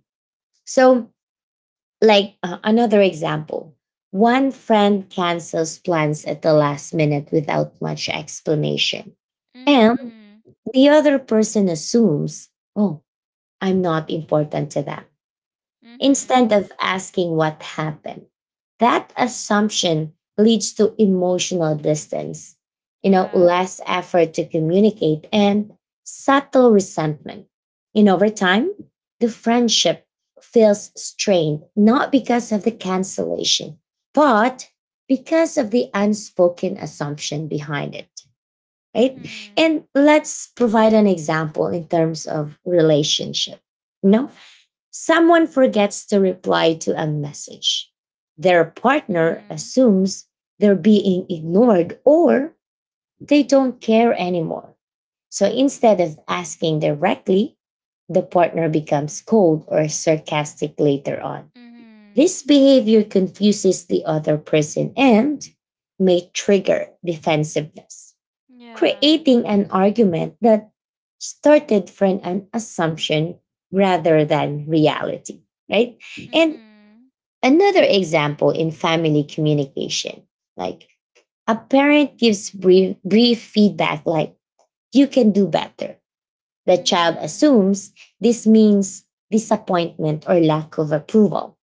Speaker 1: So, another example, one friend cancels plans at the last minute without much explanation. And
Speaker 2: Mhm.
Speaker 1: the other person assumes, "Oh, I'm not important to them,"
Speaker 2: Mhm.
Speaker 1: instead of asking what happened. That assumption leads to emotional distance, you know, less effort to communicate and subtle resentment. And over time, the friendship feels strained, not because of the cancellation, but because of the unspoken assumption behind it, right? And let's provide an example in terms of relationship. You know, someone forgets to reply to a message. Their partner assumes they're being ignored or they don't care anymore. So instead of asking directly, the partner becomes cold or sarcastic later on.
Speaker 2: Mhm.
Speaker 1: This behavior confuses the other person and may trigger defensiveness,
Speaker 2: Yeah.
Speaker 1: creating an argument that started from an assumption rather than reality, right? And
Speaker 2: Mhm.
Speaker 1: another example in family communication, like a parent gives brief feedback like, "You can do better." The
Speaker 2: Mhm.
Speaker 1: child
Speaker 2: Mhm.
Speaker 1: assumes this means disappointment or lack of approval,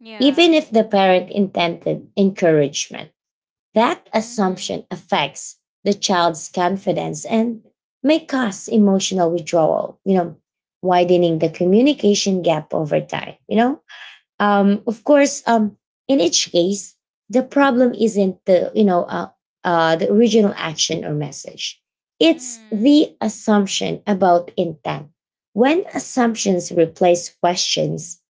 Speaker 2: Yeah.
Speaker 1: even if the parent intended encouragement. That
Speaker 2: Mhm. Mhm. Yeah. Mhm.
Speaker 1: assumption affects the child's confidence and may cause emotional withdrawal, you know, widening the communication gap over time, you know? Of course, in each case, the problem isn't the original action or message. It's
Speaker 2: Mhm.
Speaker 1: the assumption about intent. When assumptions replace questions,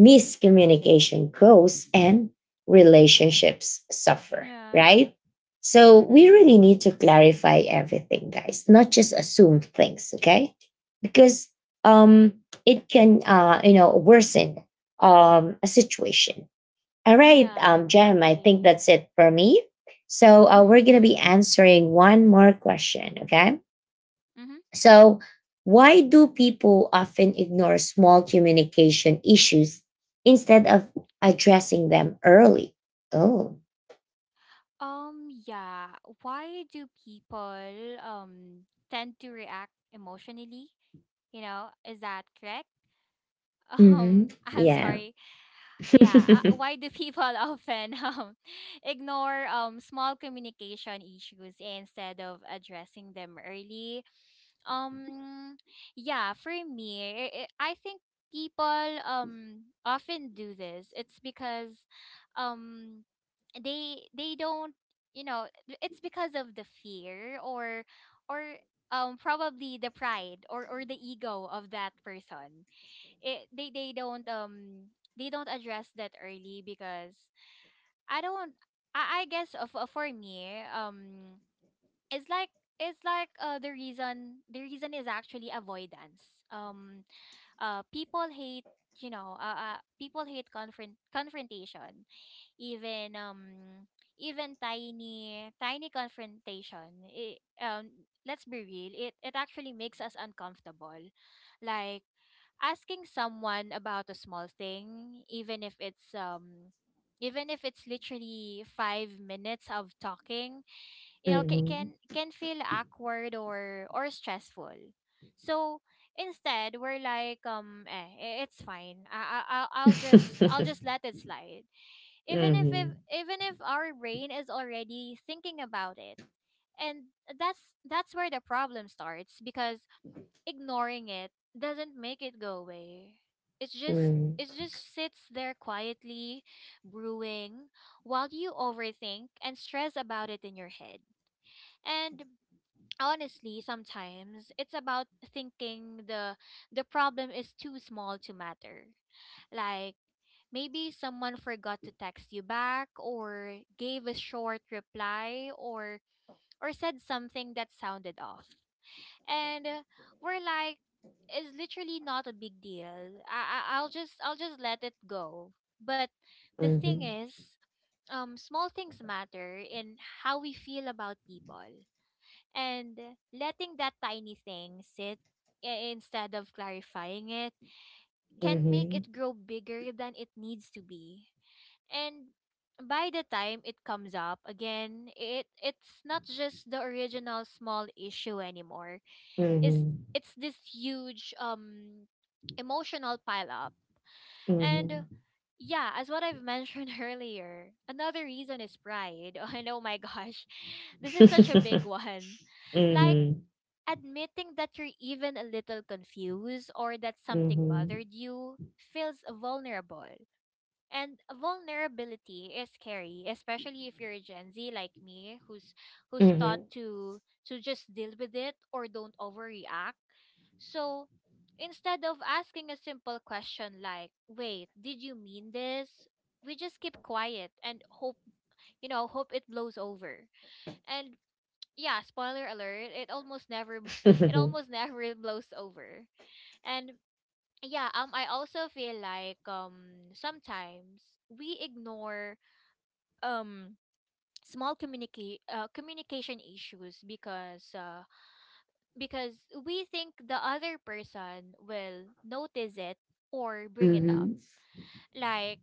Speaker 1: miscommunication grows and relationships suffer, right?
Speaker 2: Yeah.
Speaker 1: So we really
Speaker 2: Mhm.
Speaker 1: need to clarify everything, guys, not just assume things, okay? Because um, it can, you know, worsen a situation. All right,
Speaker 2: Yeah,
Speaker 1: Jem, I think
Speaker 2: exactly.
Speaker 1: that's it for me. So
Speaker 2: <laughs>
Speaker 1: we're going to be
Speaker 2: Mhm.
Speaker 1: answering one more question, okay?
Speaker 2: Mhm.
Speaker 1: So, why do people often ignore small communication issues instead of addressing them early? Oh.
Speaker 2: Yeah. Why do people um tend to react emotionally? Is that correct? <laughs>
Speaker 1: Mm-hmm.
Speaker 2: I'm
Speaker 1: Yeah.
Speaker 2: sorry, yeah. Why
Speaker 1: <laughs>
Speaker 2: do people <laughs> often ignore small communication issues instead of addressing them early. um yeah, for me, I think people often do this. It's because um they don't, you know, it's because of the fear, or or probably the pride, or the ego of that person. It They don't they don't address that early because I don't, I guess, for me, it's like, the reason is actually avoidance. People hate, people hate confrontation, even even tiny, tiny confrontation. Let's be real, it actually makes us uncomfortable. Like asking someone about a small thing, even if it's literally 5 minutes of talking, you know,
Speaker 1: Mhm.
Speaker 2: can feel awkward or stressful. So instead, we're like, it's fine. I'll just, let it slide, even if,
Speaker 1: Mhm.
Speaker 2: even if our brain is already thinking about it. And that's where the problem starts, because ignoring it doesn't make it go away. It's just, it
Speaker 1: Mhm.
Speaker 2: just sits there quietly brewing while you overthink and stress about it in your head. And honestly, sometimes it's about thinking the problem is too small to matter. Like, maybe someone forgot to text you back, or gave a short reply, or said something that sounded off. And we're like, it's literally not a big deal. I'll just let it go. But the thing
Speaker 1: Mhm.
Speaker 2: is, small things matter in how we feel about people. And letting that tiny thing sit instead of clarifying it can make it
Speaker 1: Mhm.
Speaker 2: grow bigger than it needs to be. And by the time it comes up again, it's not just the original small issue anymore. it's
Speaker 1: Mhm.
Speaker 2: it's this huge, emotional pile up. And
Speaker 1: Mhm.
Speaker 2: yeah, as what I've mentioned <laughs> earlier, another reason is pride. <laughs> And oh my gosh, this is
Speaker 1: Mhm.
Speaker 2: such a big one. Like
Speaker 1: Mhm.
Speaker 2: admitting that you're even a little confused, or that
Speaker 1: Mhm. Mhm.
Speaker 2: something
Speaker 1: Mhm.
Speaker 2: bothered
Speaker 1: Mhm.
Speaker 2: you, feels vulnerable. And vulnerability is scary, especially if you're a Gen Z like me, who's taught
Speaker 1: Mhm.
Speaker 2: to, just deal with it or don't overreact. So instead of asking a simple question like, "Wait, did you mean this?" we just keep quiet and hope, you know, hope it blows over. And yeah, spoiler alert, it almost never, <laughs> it almost never blows over. And yeah, I also feel like, sometimes we ignore, um small, communication issues because, because we think the other person will notice it or bring it up.
Speaker 1: Mhm.
Speaker 2: Like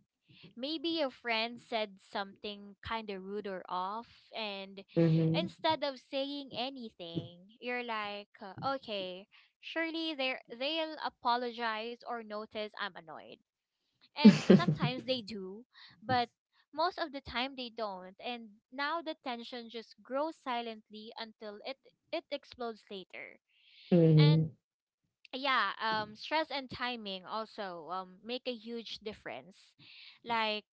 Speaker 2: maybe a friend said something kind of rude or off, and
Speaker 1: Mhm. Mhm.
Speaker 2: instead of saying anything, you're like, okay, surely they, they'll apologize or notice I'm annoyed. And
Speaker 1: Mhm.
Speaker 2: sometimes
Speaker 1: <laughs>
Speaker 2: they do, but most of the time they don't, and now the tension just grows silently until it, explodes later. And yeah, stress and timing also make a huge difference. Like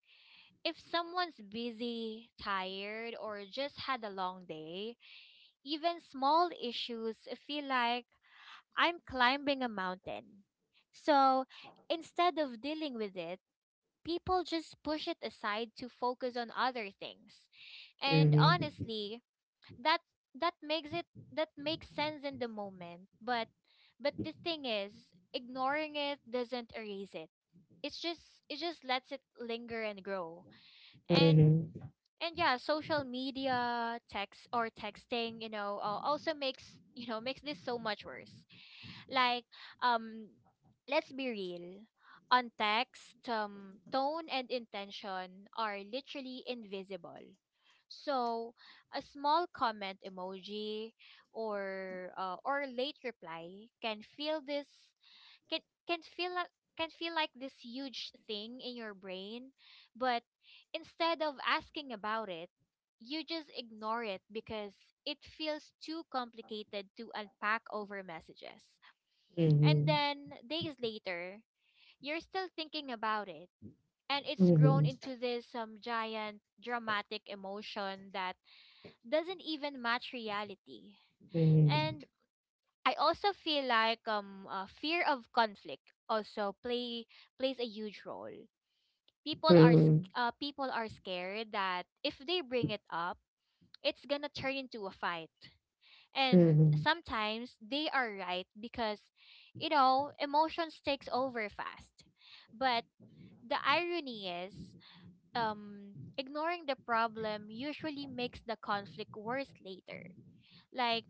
Speaker 2: if someone's busy, tired, or just had a long day, even small issues feel like, I'm climbing a mountain. So instead of dealing with it, people just push it aside to focus on other things. And honestly, that that makes it that makes sense in the moment, but, the thing is, ignoring it doesn't erase it. It's just, it just lets it linger and grow. And yeah, social media text or texting, you know, also makes, <laughs> you know, makes this so much worse. Like, um let's be real, on text, tone and intention are literally invisible. So a small comment, emoji, or late reply can feel this, can can feel like can feel like this huge thing in your brain, but instead of asking about it, you just ignore it because it feels too complicated to unpack over messages. And then days later, you're still thinking about it, and it's grown into this, giant dramatic emotion that doesn't even match reality.
Speaker 1: <laughs> <laughs>
Speaker 2: And
Speaker 1: <laughs>
Speaker 2: I also feel like fear of conflict also plays a huge role. People are
Speaker 1: Mhm,
Speaker 2: people are scared that if they bring it up, it's gonna turn into a fight. And
Speaker 1: mhm,
Speaker 2: sometimes they are right because, you know, emotions takes over fast. But the irony is, ignoring the problem usually makes the conflict worse later. Like,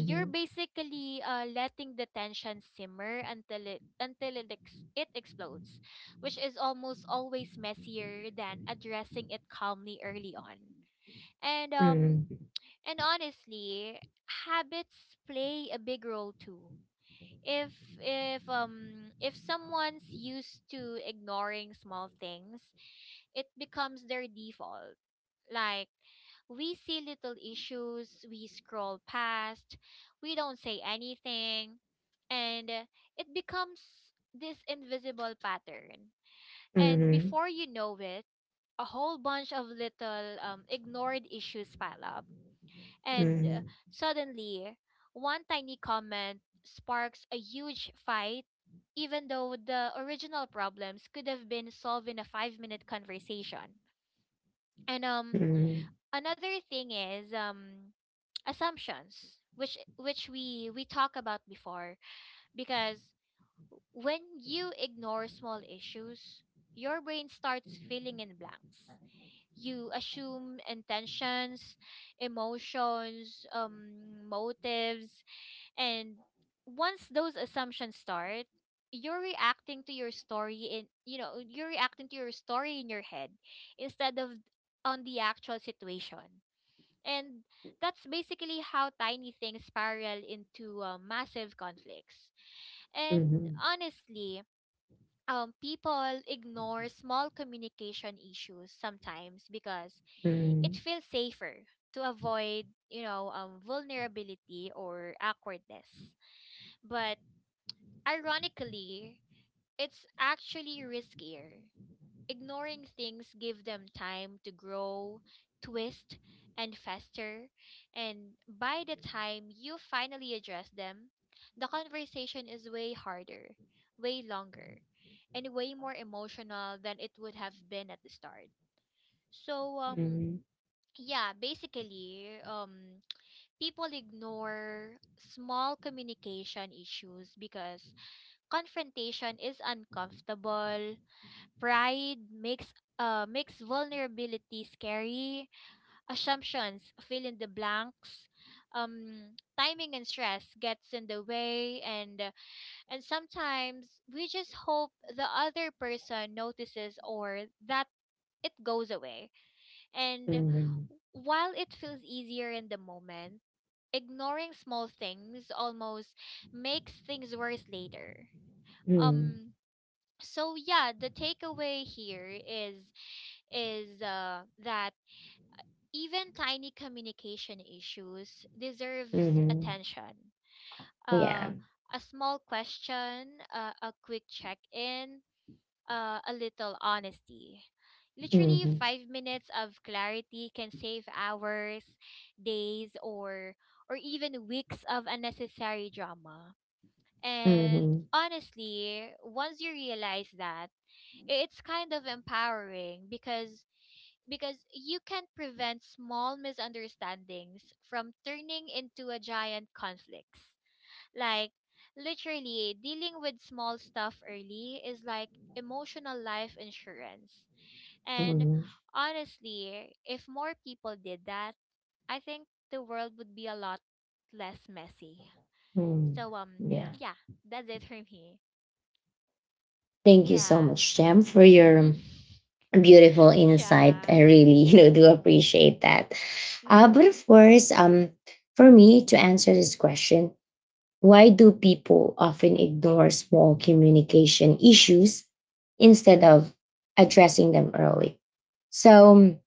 Speaker 2: you're basically, letting the tension simmer until it, it explodes, which is almost always messier than addressing it calmly early on. And um
Speaker 1: mhm,
Speaker 2: and honestly, habits play a big role too. If, if someone's used to ignoring small things, it becomes their default. Like we see little issues, we scroll past, we don't say anything. And it becomes this invisible pattern, and
Speaker 1: mhm,
Speaker 2: before you know it, a whole bunch of little, ignored issues pile up. And
Speaker 1: mhm,
Speaker 2: suddenly, one tiny comment sparks a huge fight, even though the original problems could have been solved in a 5-minute conversation. And
Speaker 1: mhm, mhm,
Speaker 2: another thing is, assumptions, which we talked about before, because when you ignore small issues, your brain starts filling in blanks. You assume intentions, emotions, motives, and once those assumptions start, you're reacting to your story in, you're reacting to your story in your head, instead of on the actual situation. And that's basically how tiny things spiral into, massive conflicts. And
Speaker 1: mhm,
Speaker 2: honestly, people ignore small communication issues sometimes because it feels safer to avoid, you know, vulnerability or awkwardness. But ironically, it's actually riskier. Ignoring things give them time to grow, twist, and fester. And by the time you finally address them, the conversation is way harder, way longer, and way more emotional than it would have been at the start. So,
Speaker 1: mhm,
Speaker 2: yeah, basically, people ignore small communication issues because confrontation is uncomfortable, pride makes, makes vulnerability scary. Assumptions fill in the blanks. Timing and stress gets in the way, and sometimes we just hope the other person notices, or that it goes away. And
Speaker 1: mhm,
Speaker 2: while it feels easier in the moment, ignoring small things almost makes things worse later.
Speaker 1: mhm,
Speaker 2: Um so yeah, the takeaway here is, that even tiny communication issues deserves
Speaker 1: mhm.
Speaker 2: attention.
Speaker 1: Yeah.
Speaker 2: uh, a small question, a quick check-in, a little honesty, literally
Speaker 1: Mhm,
Speaker 2: 5 minutes of clarity can save hours, days, or even weeks of unnecessary drama. And
Speaker 1: mhm,
Speaker 2: honestly, once you realize that, I- it's kind of empowering because, you can prevent small misunderstandings from turning into a giant conflicts. Like literally dealing with small stuff early is like emotional life insurance. And
Speaker 1: mhm,
Speaker 2: honestly, if more people did that, I think the world would be a lot less messy.
Speaker 1: mhm.
Speaker 2: So
Speaker 1: Yeah.
Speaker 2: yeah, that's it for me.
Speaker 1: Thank you so
Speaker 2: Yeah.
Speaker 1: much, Jam, for your beautiful
Speaker 2: <laughs>
Speaker 1: insight.
Speaker 2: Yeah.
Speaker 1: I really, <laughs> you know, do appreciate that. But
Speaker 2: Mhm.
Speaker 1: of course, for me to answer this question, why do people often ignore small communication issues instead of addressing them early? So,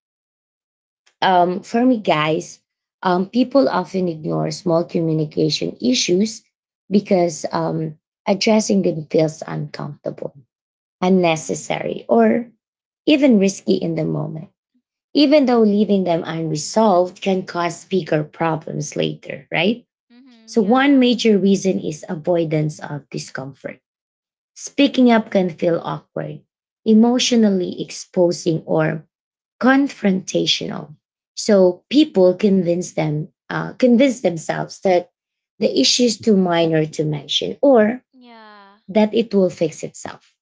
Speaker 1: for me, guys, people often ignore small communication issues because addressing them feels uncomfortable,
Speaker 2: Mhm.
Speaker 1: unnecessary, or even risky in the moment, even though leaving them unresolved can cause bigger problems later, right?
Speaker 2: Mhm.
Speaker 1: So, one
Speaker 2: Yeah.
Speaker 1: major reason is avoidance of discomfort. Speaking up can feel awkward, emotionally exposing, or confrontational. So, people convince themselves that the issue is too minor to mention or
Speaker 2: Yeah.
Speaker 1: that it will fix itself.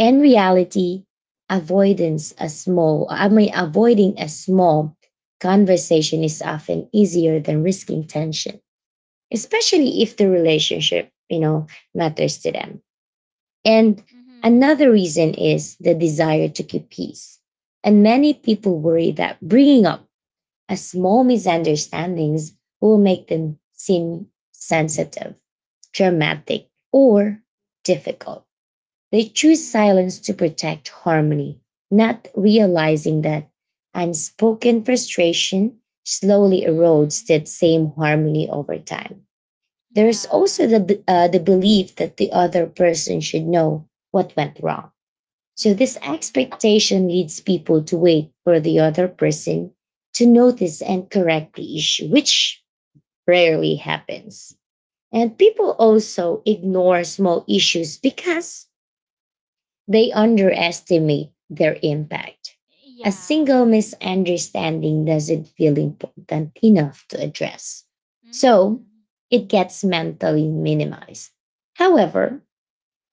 Speaker 1: In reality, avoidance a small, I mean, avoiding a small conversation is often easier than risking tension, especially if the relationship, you know, matters to them. And another
Speaker 2: Mhm.
Speaker 1: reason is the desire to keep peace. And many people worry that bringing up a small misunderstandings will make them seem sensitive, dramatic, or difficult. They choose
Speaker 2: Mhm.
Speaker 1: silence to protect harmony, not realizing that unspoken frustration slowly erodes
Speaker 2: Mhm.
Speaker 1: that same harmony over time. There is also
Speaker 2: Yeah.
Speaker 1: the belief that the other person should know what went wrong. So this
Speaker 2: Mhm.
Speaker 1: expectation leads people to wait for the other person to notice and correct the issue, which rarely happens. And people also ignore small issues because they underestimate their impact. A
Speaker 2: Yeah.
Speaker 1: single misunderstanding doesn't feel important enough to address. So
Speaker 2: Mhm.
Speaker 1: it gets mentally minimized. However,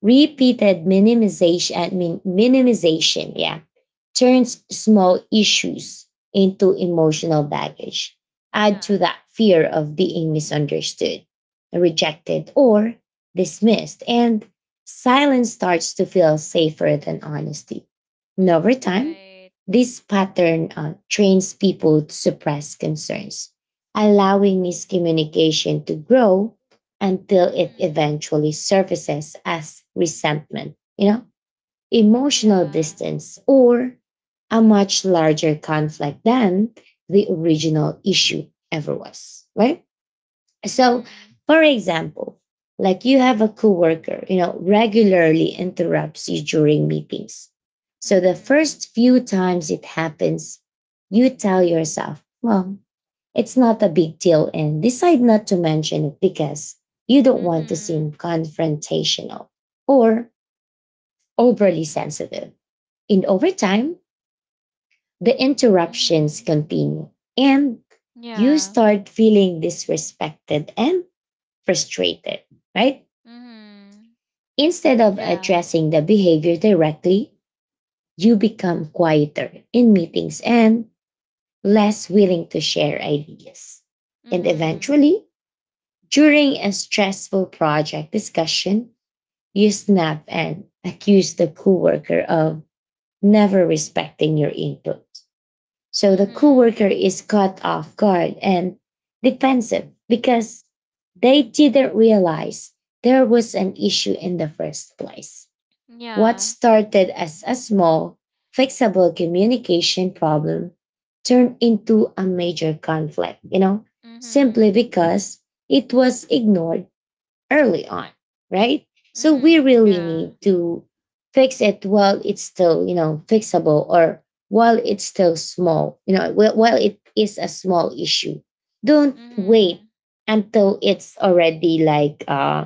Speaker 1: Repeated minimization, I mean, minimization, yeah, turns small issues into emotional baggage. Add to
Speaker 2: Yeah.
Speaker 1: that fear of being misunderstood, rejected, or dismissed, and silence starts to feel safer than honesty. And over
Speaker 2: Mhm.
Speaker 1: time,
Speaker 2: Right.
Speaker 1: this pattern trains people to suppress concerns, allowing miscommunication to grow until it
Speaker 2: Mhm.
Speaker 1: eventually surfaces as resentment, you know, emotional
Speaker 2: Yeah.
Speaker 1: distance, or a much larger conflict than the original issue ever was, right? So,
Speaker 2: Mhm.
Speaker 1: for example, like you have a coworker, you know, regularly interrupts you during meetings. So the
Speaker 2: Mhm.
Speaker 1: first few times it happens, you tell yourself, well, it's not a big deal, and decide not to mention it because you don't want to seem
Speaker 2: Mhm.
Speaker 1: confrontational or overly sensitive. And over time, the interruptions
Speaker 2: Mhm.
Speaker 1: continue and you
Speaker 2: Yeah.
Speaker 1: start feeling disrespected and frustrated, right?
Speaker 2: Mhm.
Speaker 1: Instead of
Speaker 2: Yeah.
Speaker 1: addressing the behavior directly, you become quieter in meetings and less willing to share ideas. And
Speaker 2: Mhm.
Speaker 1: eventually, during a stressful project discussion, you snap and accuse the coworker of never respecting your input. So the coworker
Speaker 2: Mhm.
Speaker 1: is caught off guard and defensive because they didn't realize there was an issue in the first place. What
Speaker 2: Yeah.
Speaker 1: started as a small, fixable communication problem turned into a major conflict, you know, simply
Speaker 2: Mhm.
Speaker 1: because it was ignored early on, right? So we
Speaker 2: Mhm.
Speaker 1: really
Speaker 2: Yeah.
Speaker 1: need to fix it while it's still, you know, fixable, or while it's still small, you know, while it is a small issue. Don't wait
Speaker 2: Mhm.
Speaker 1: until it's already like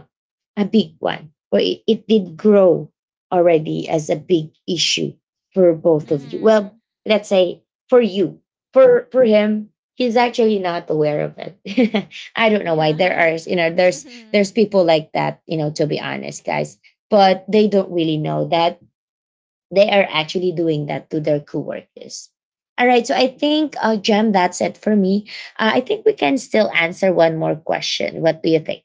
Speaker 1: a big one, or it did grow already as a big issue for both of you. Well,
Speaker 2: Mhm.
Speaker 1: let's say for you, for him, he's actually not aware of it. <laughs> I don't know why there
Speaker 2: Yeah.
Speaker 1: are you know there's
Speaker 2: <laughs>
Speaker 1: people like that, you know, to be honest, guys, but they don't really know that they are actually doing that to their coworkers. All right, so I think, Jem, that's it for me. I think we can still answer one more question. What do you think?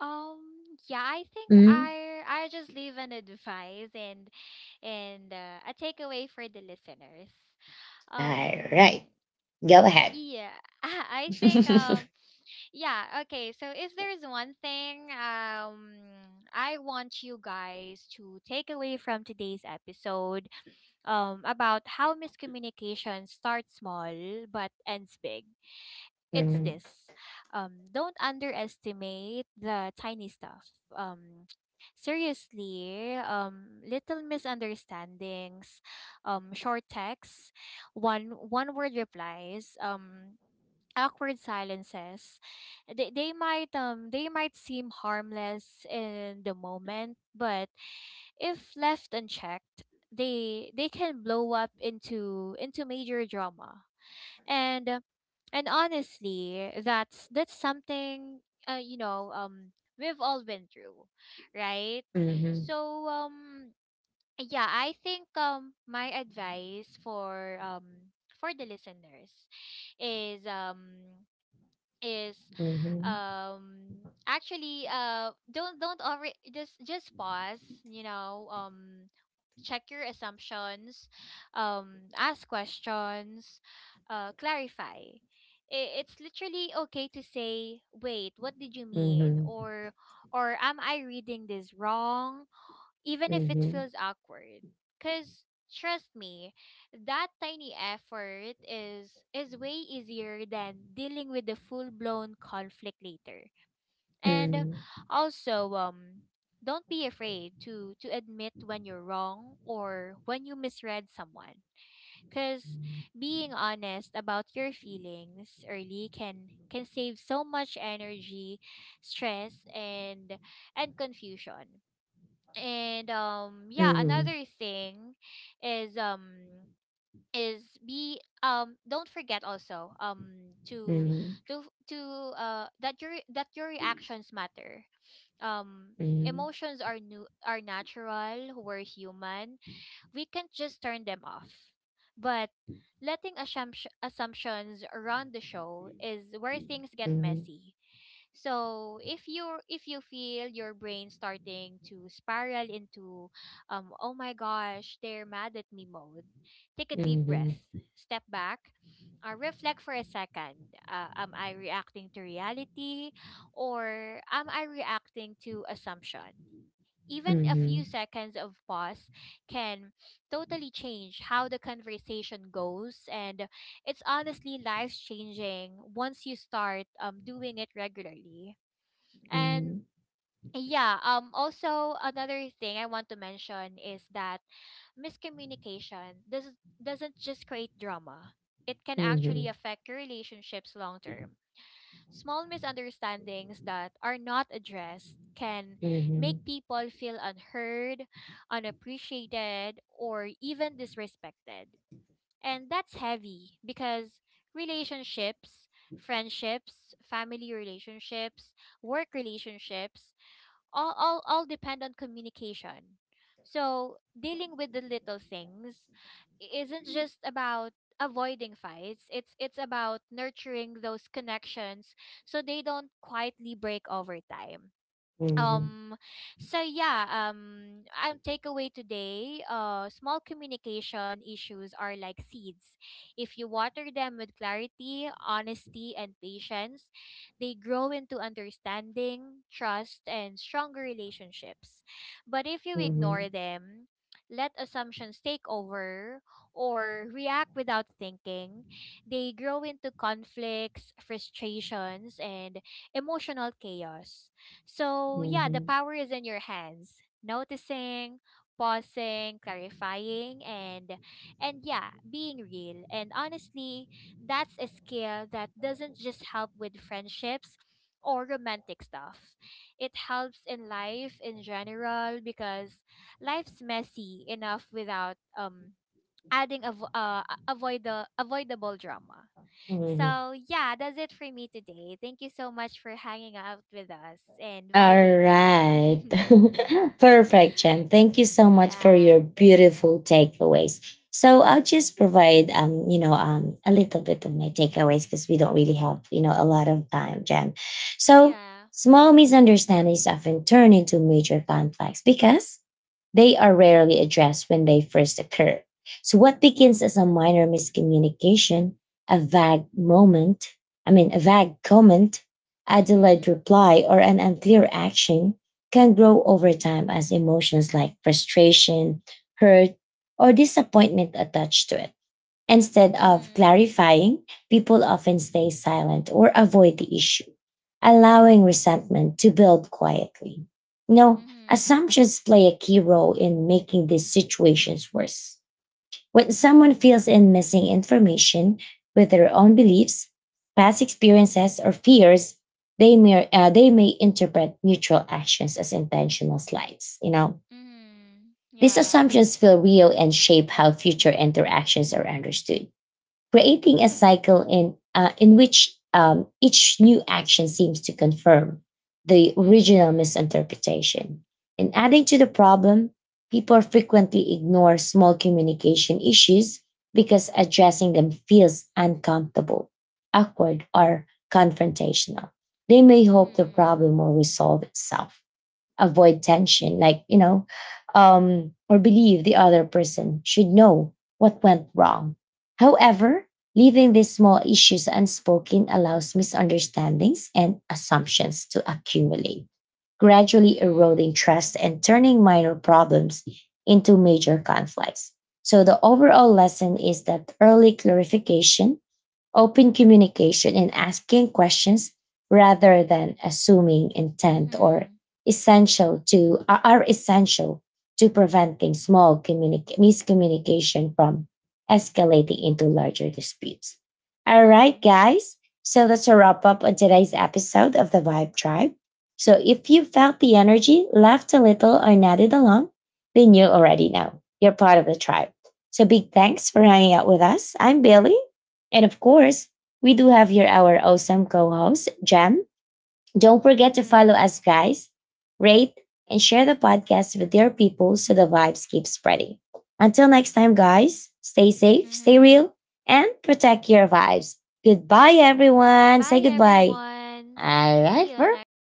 Speaker 2: um yeah, I think
Speaker 1: Mhm.
Speaker 2: I just leave an advice and a takeaway for the listeners.
Speaker 1: All
Speaker 2: Um
Speaker 1: right. Go ahead.
Speaker 2: yeah, <laughs> I think,
Speaker 1: <laughs>
Speaker 2: yeah, okay. So if there's one thing, I want you guys to take away from today's episode, about how miscommunication starts small but ends big, it's
Speaker 1: Mhm,
Speaker 2: this. Don't underestimate the tiny stuff. Seriously, little misunderstandings, short texts, one word replies, awkward silences, they might, they might seem harmless in the moment, but if left unchecked, they can blow up into, major drama. And and honestly, that's something, we've all been through, right?
Speaker 1: mhm,
Speaker 2: So yeah, I think, my advice for, for the listeners is, is
Speaker 1: mhm,
Speaker 2: actually, don't over, just pause, you know. Check your assumptions, ask questions, clarify. I- it's literally okay to say, "Wait, what did you
Speaker 1: mhm,
Speaker 2: mean?"
Speaker 1: mhm,
Speaker 2: or "Am I reading this wrong?" even if it
Speaker 1: mhm,
Speaker 2: feels awkward. Cause trust me, that tiny effort is, way easier than dealing with the full blown conflict later. And
Speaker 1: mhm,
Speaker 2: also, don't be afraid to, admit when you're wrong, or when you misread someone. Cause being honest about your feelings early can, save so much energy, stress, and confusion. And yeah,
Speaker 1: mhm,
Speaker 2: another thing is, is be don't forget also,
Speaker 1: mhm,
Speaker 2: to,
Speaker 1: mhm,
Speaker 2: to to that your reactions matter. um
Speaker 1: mhm,
Speaker 2: Emotions are new, are natural, we're human. We can't just turn them off, but letting assumptions run the show is where things get
Speaker 1: mhm, mhm,
Speaker 2: messy. So if you, feel your brain starting to spiral into, "oh my gosh, they're mad at me" mode, take a deep
Speaker 1: mhm,
Speaker 2: breath, step back, reflect for a second. Am I reacting to reality, or am I reacting to assumption? Even a few seconds of pause can totally change how the conversation goes, and it's honestly life changing once you start, doing it regularly. And yeah, also another thing I want to mention is that miscommunication doesn't, just create drama. It can actually affect your relationships long term. Small misunderstandings that are not addressed can make people feel unheard, unappreciated, or even disrespected. And that's heavy because relationships, friendships, family relationships, work relationships all depend on communication. So dealing with the little things isn't just about avoiding fights. It's, about nurturing those connections so they don't quietly break over time.
Speaker 1: mhm,
Speaker 2: um so yeah, takeaway today, small communication issues are like seeds. If you water them with clarity, honesty, and patience, they grow into understanding, trust, and stronger relationships. But if you
Speaker 1: mhm,
Speaker 2: ignore them, let assumptions take over, or react without thinking, they grow into conflicts, frustrations, and emotional chaos. So, yeah, the
Speaker 1: mhm,
Speaker 2: power is in your hands. Noticing, pausing, clarifying, and yeah, being real. And honestly, that's a skill that doesn't just help with friendships or romantic stuff. It helps in life in general because life's messy enough without, adding, avoid the avoidable drama.
Speaker 1: mhm, mhm.
Speaker 2: So, yeah, that's it for me today. Thank you so much for hanging out with us and
Speaker 1: All
Speaker 2: vibing. <laughs>
Speaker 1: right. <laughs> Perfect, Jen. Thank you so much for
Speaker 2: Yeah.
Speaker 1: your beautiful takeaways. So I'll just provide you know, a little bit of my takeaways because we don't really have, you know, a lot of time, Jen. So
Speaker 2: Yeah.
Speaker 1: small misunderstandings often turn into major conflicts because they are rarely addressed when they first occur. So, what begins as a minor miscommunication, a vague moment, I mean, a vague comment, a delayed
Speaker 2: Mhm.
Speaker 1: reply, or an unclear action can grow over time as emotions like frustration, hurt, or disappointment attach to it. Instead of
Speaker 2: Mhm.
Speaker 1: clarifying, people often stay silent or avoid the issue, allowing resentment to build quietly. You know,
Speaker 2: Mhm.
Speaker 1: assumptions play a key role in making these situations worse. When someone feels in missing information with their own beliefs, past experiences, or fears, they may interpret neutral actions as intentional slights. You know,
Speaker 2: Mhm.
Speaker 1: these
Speaker 2: Yeah.
Speaker 1: assumptions feel real and shape how future interactions are understood, creating a cycle in which each new action seems to confirm the original
Speaker 2: Mhm.
Speaker 1: misinterpretation. And adding to the problem, people frequently ignore small communication issues because addressing them feels uncomfortable, awkward, or confrontational. They may hope the
Speaker 2: Mhm.
Speaker 1: problem will resolve itself, avoid tension, like, you know, or believe the other person should know what went wrong. However, leaving these small issues unspoken allows misunderstandings and assumptions to accumulate, gradually eroding
Speaker 2: Mhm.
Speaker 1: trust and turning minor problems into major conflicts. So the overall lesson is that early clarification, open communication and asking questions rather than assuming intent or
Speaker 2: Mhm.
Speaker 1: essential to are essential to preventing miscommunication from escalating into larger disputes. All right,
Speaker 2: Mhm.
Speaker 1: guys. So that's a wrap up on today's episode of the Vibe Tribe. So if you felt the energy, laughed a little, or nodded along, then you already know you're part of the tribe. So big thanks for hanging out with us. I'm Billy. And of course, we do have here our awesome co host, Jam. Don't forget to follow
Speaker 2: Mhm.
Speaker 1: us, guys, rate, and share the podcast with your people so the vibes keep spreading. Until next time, guys, stay safe, stay real,
Speaker 2: Mhm.
Speaker 1: and protect your vibes. Goodbye, everyone. Say
Speaker 2: Bye
Speaker 1: goodbye.
Speaker 2: everyone.
Speaker 1: All right,
Speaker 2: See you next
Speaker 1: perfect.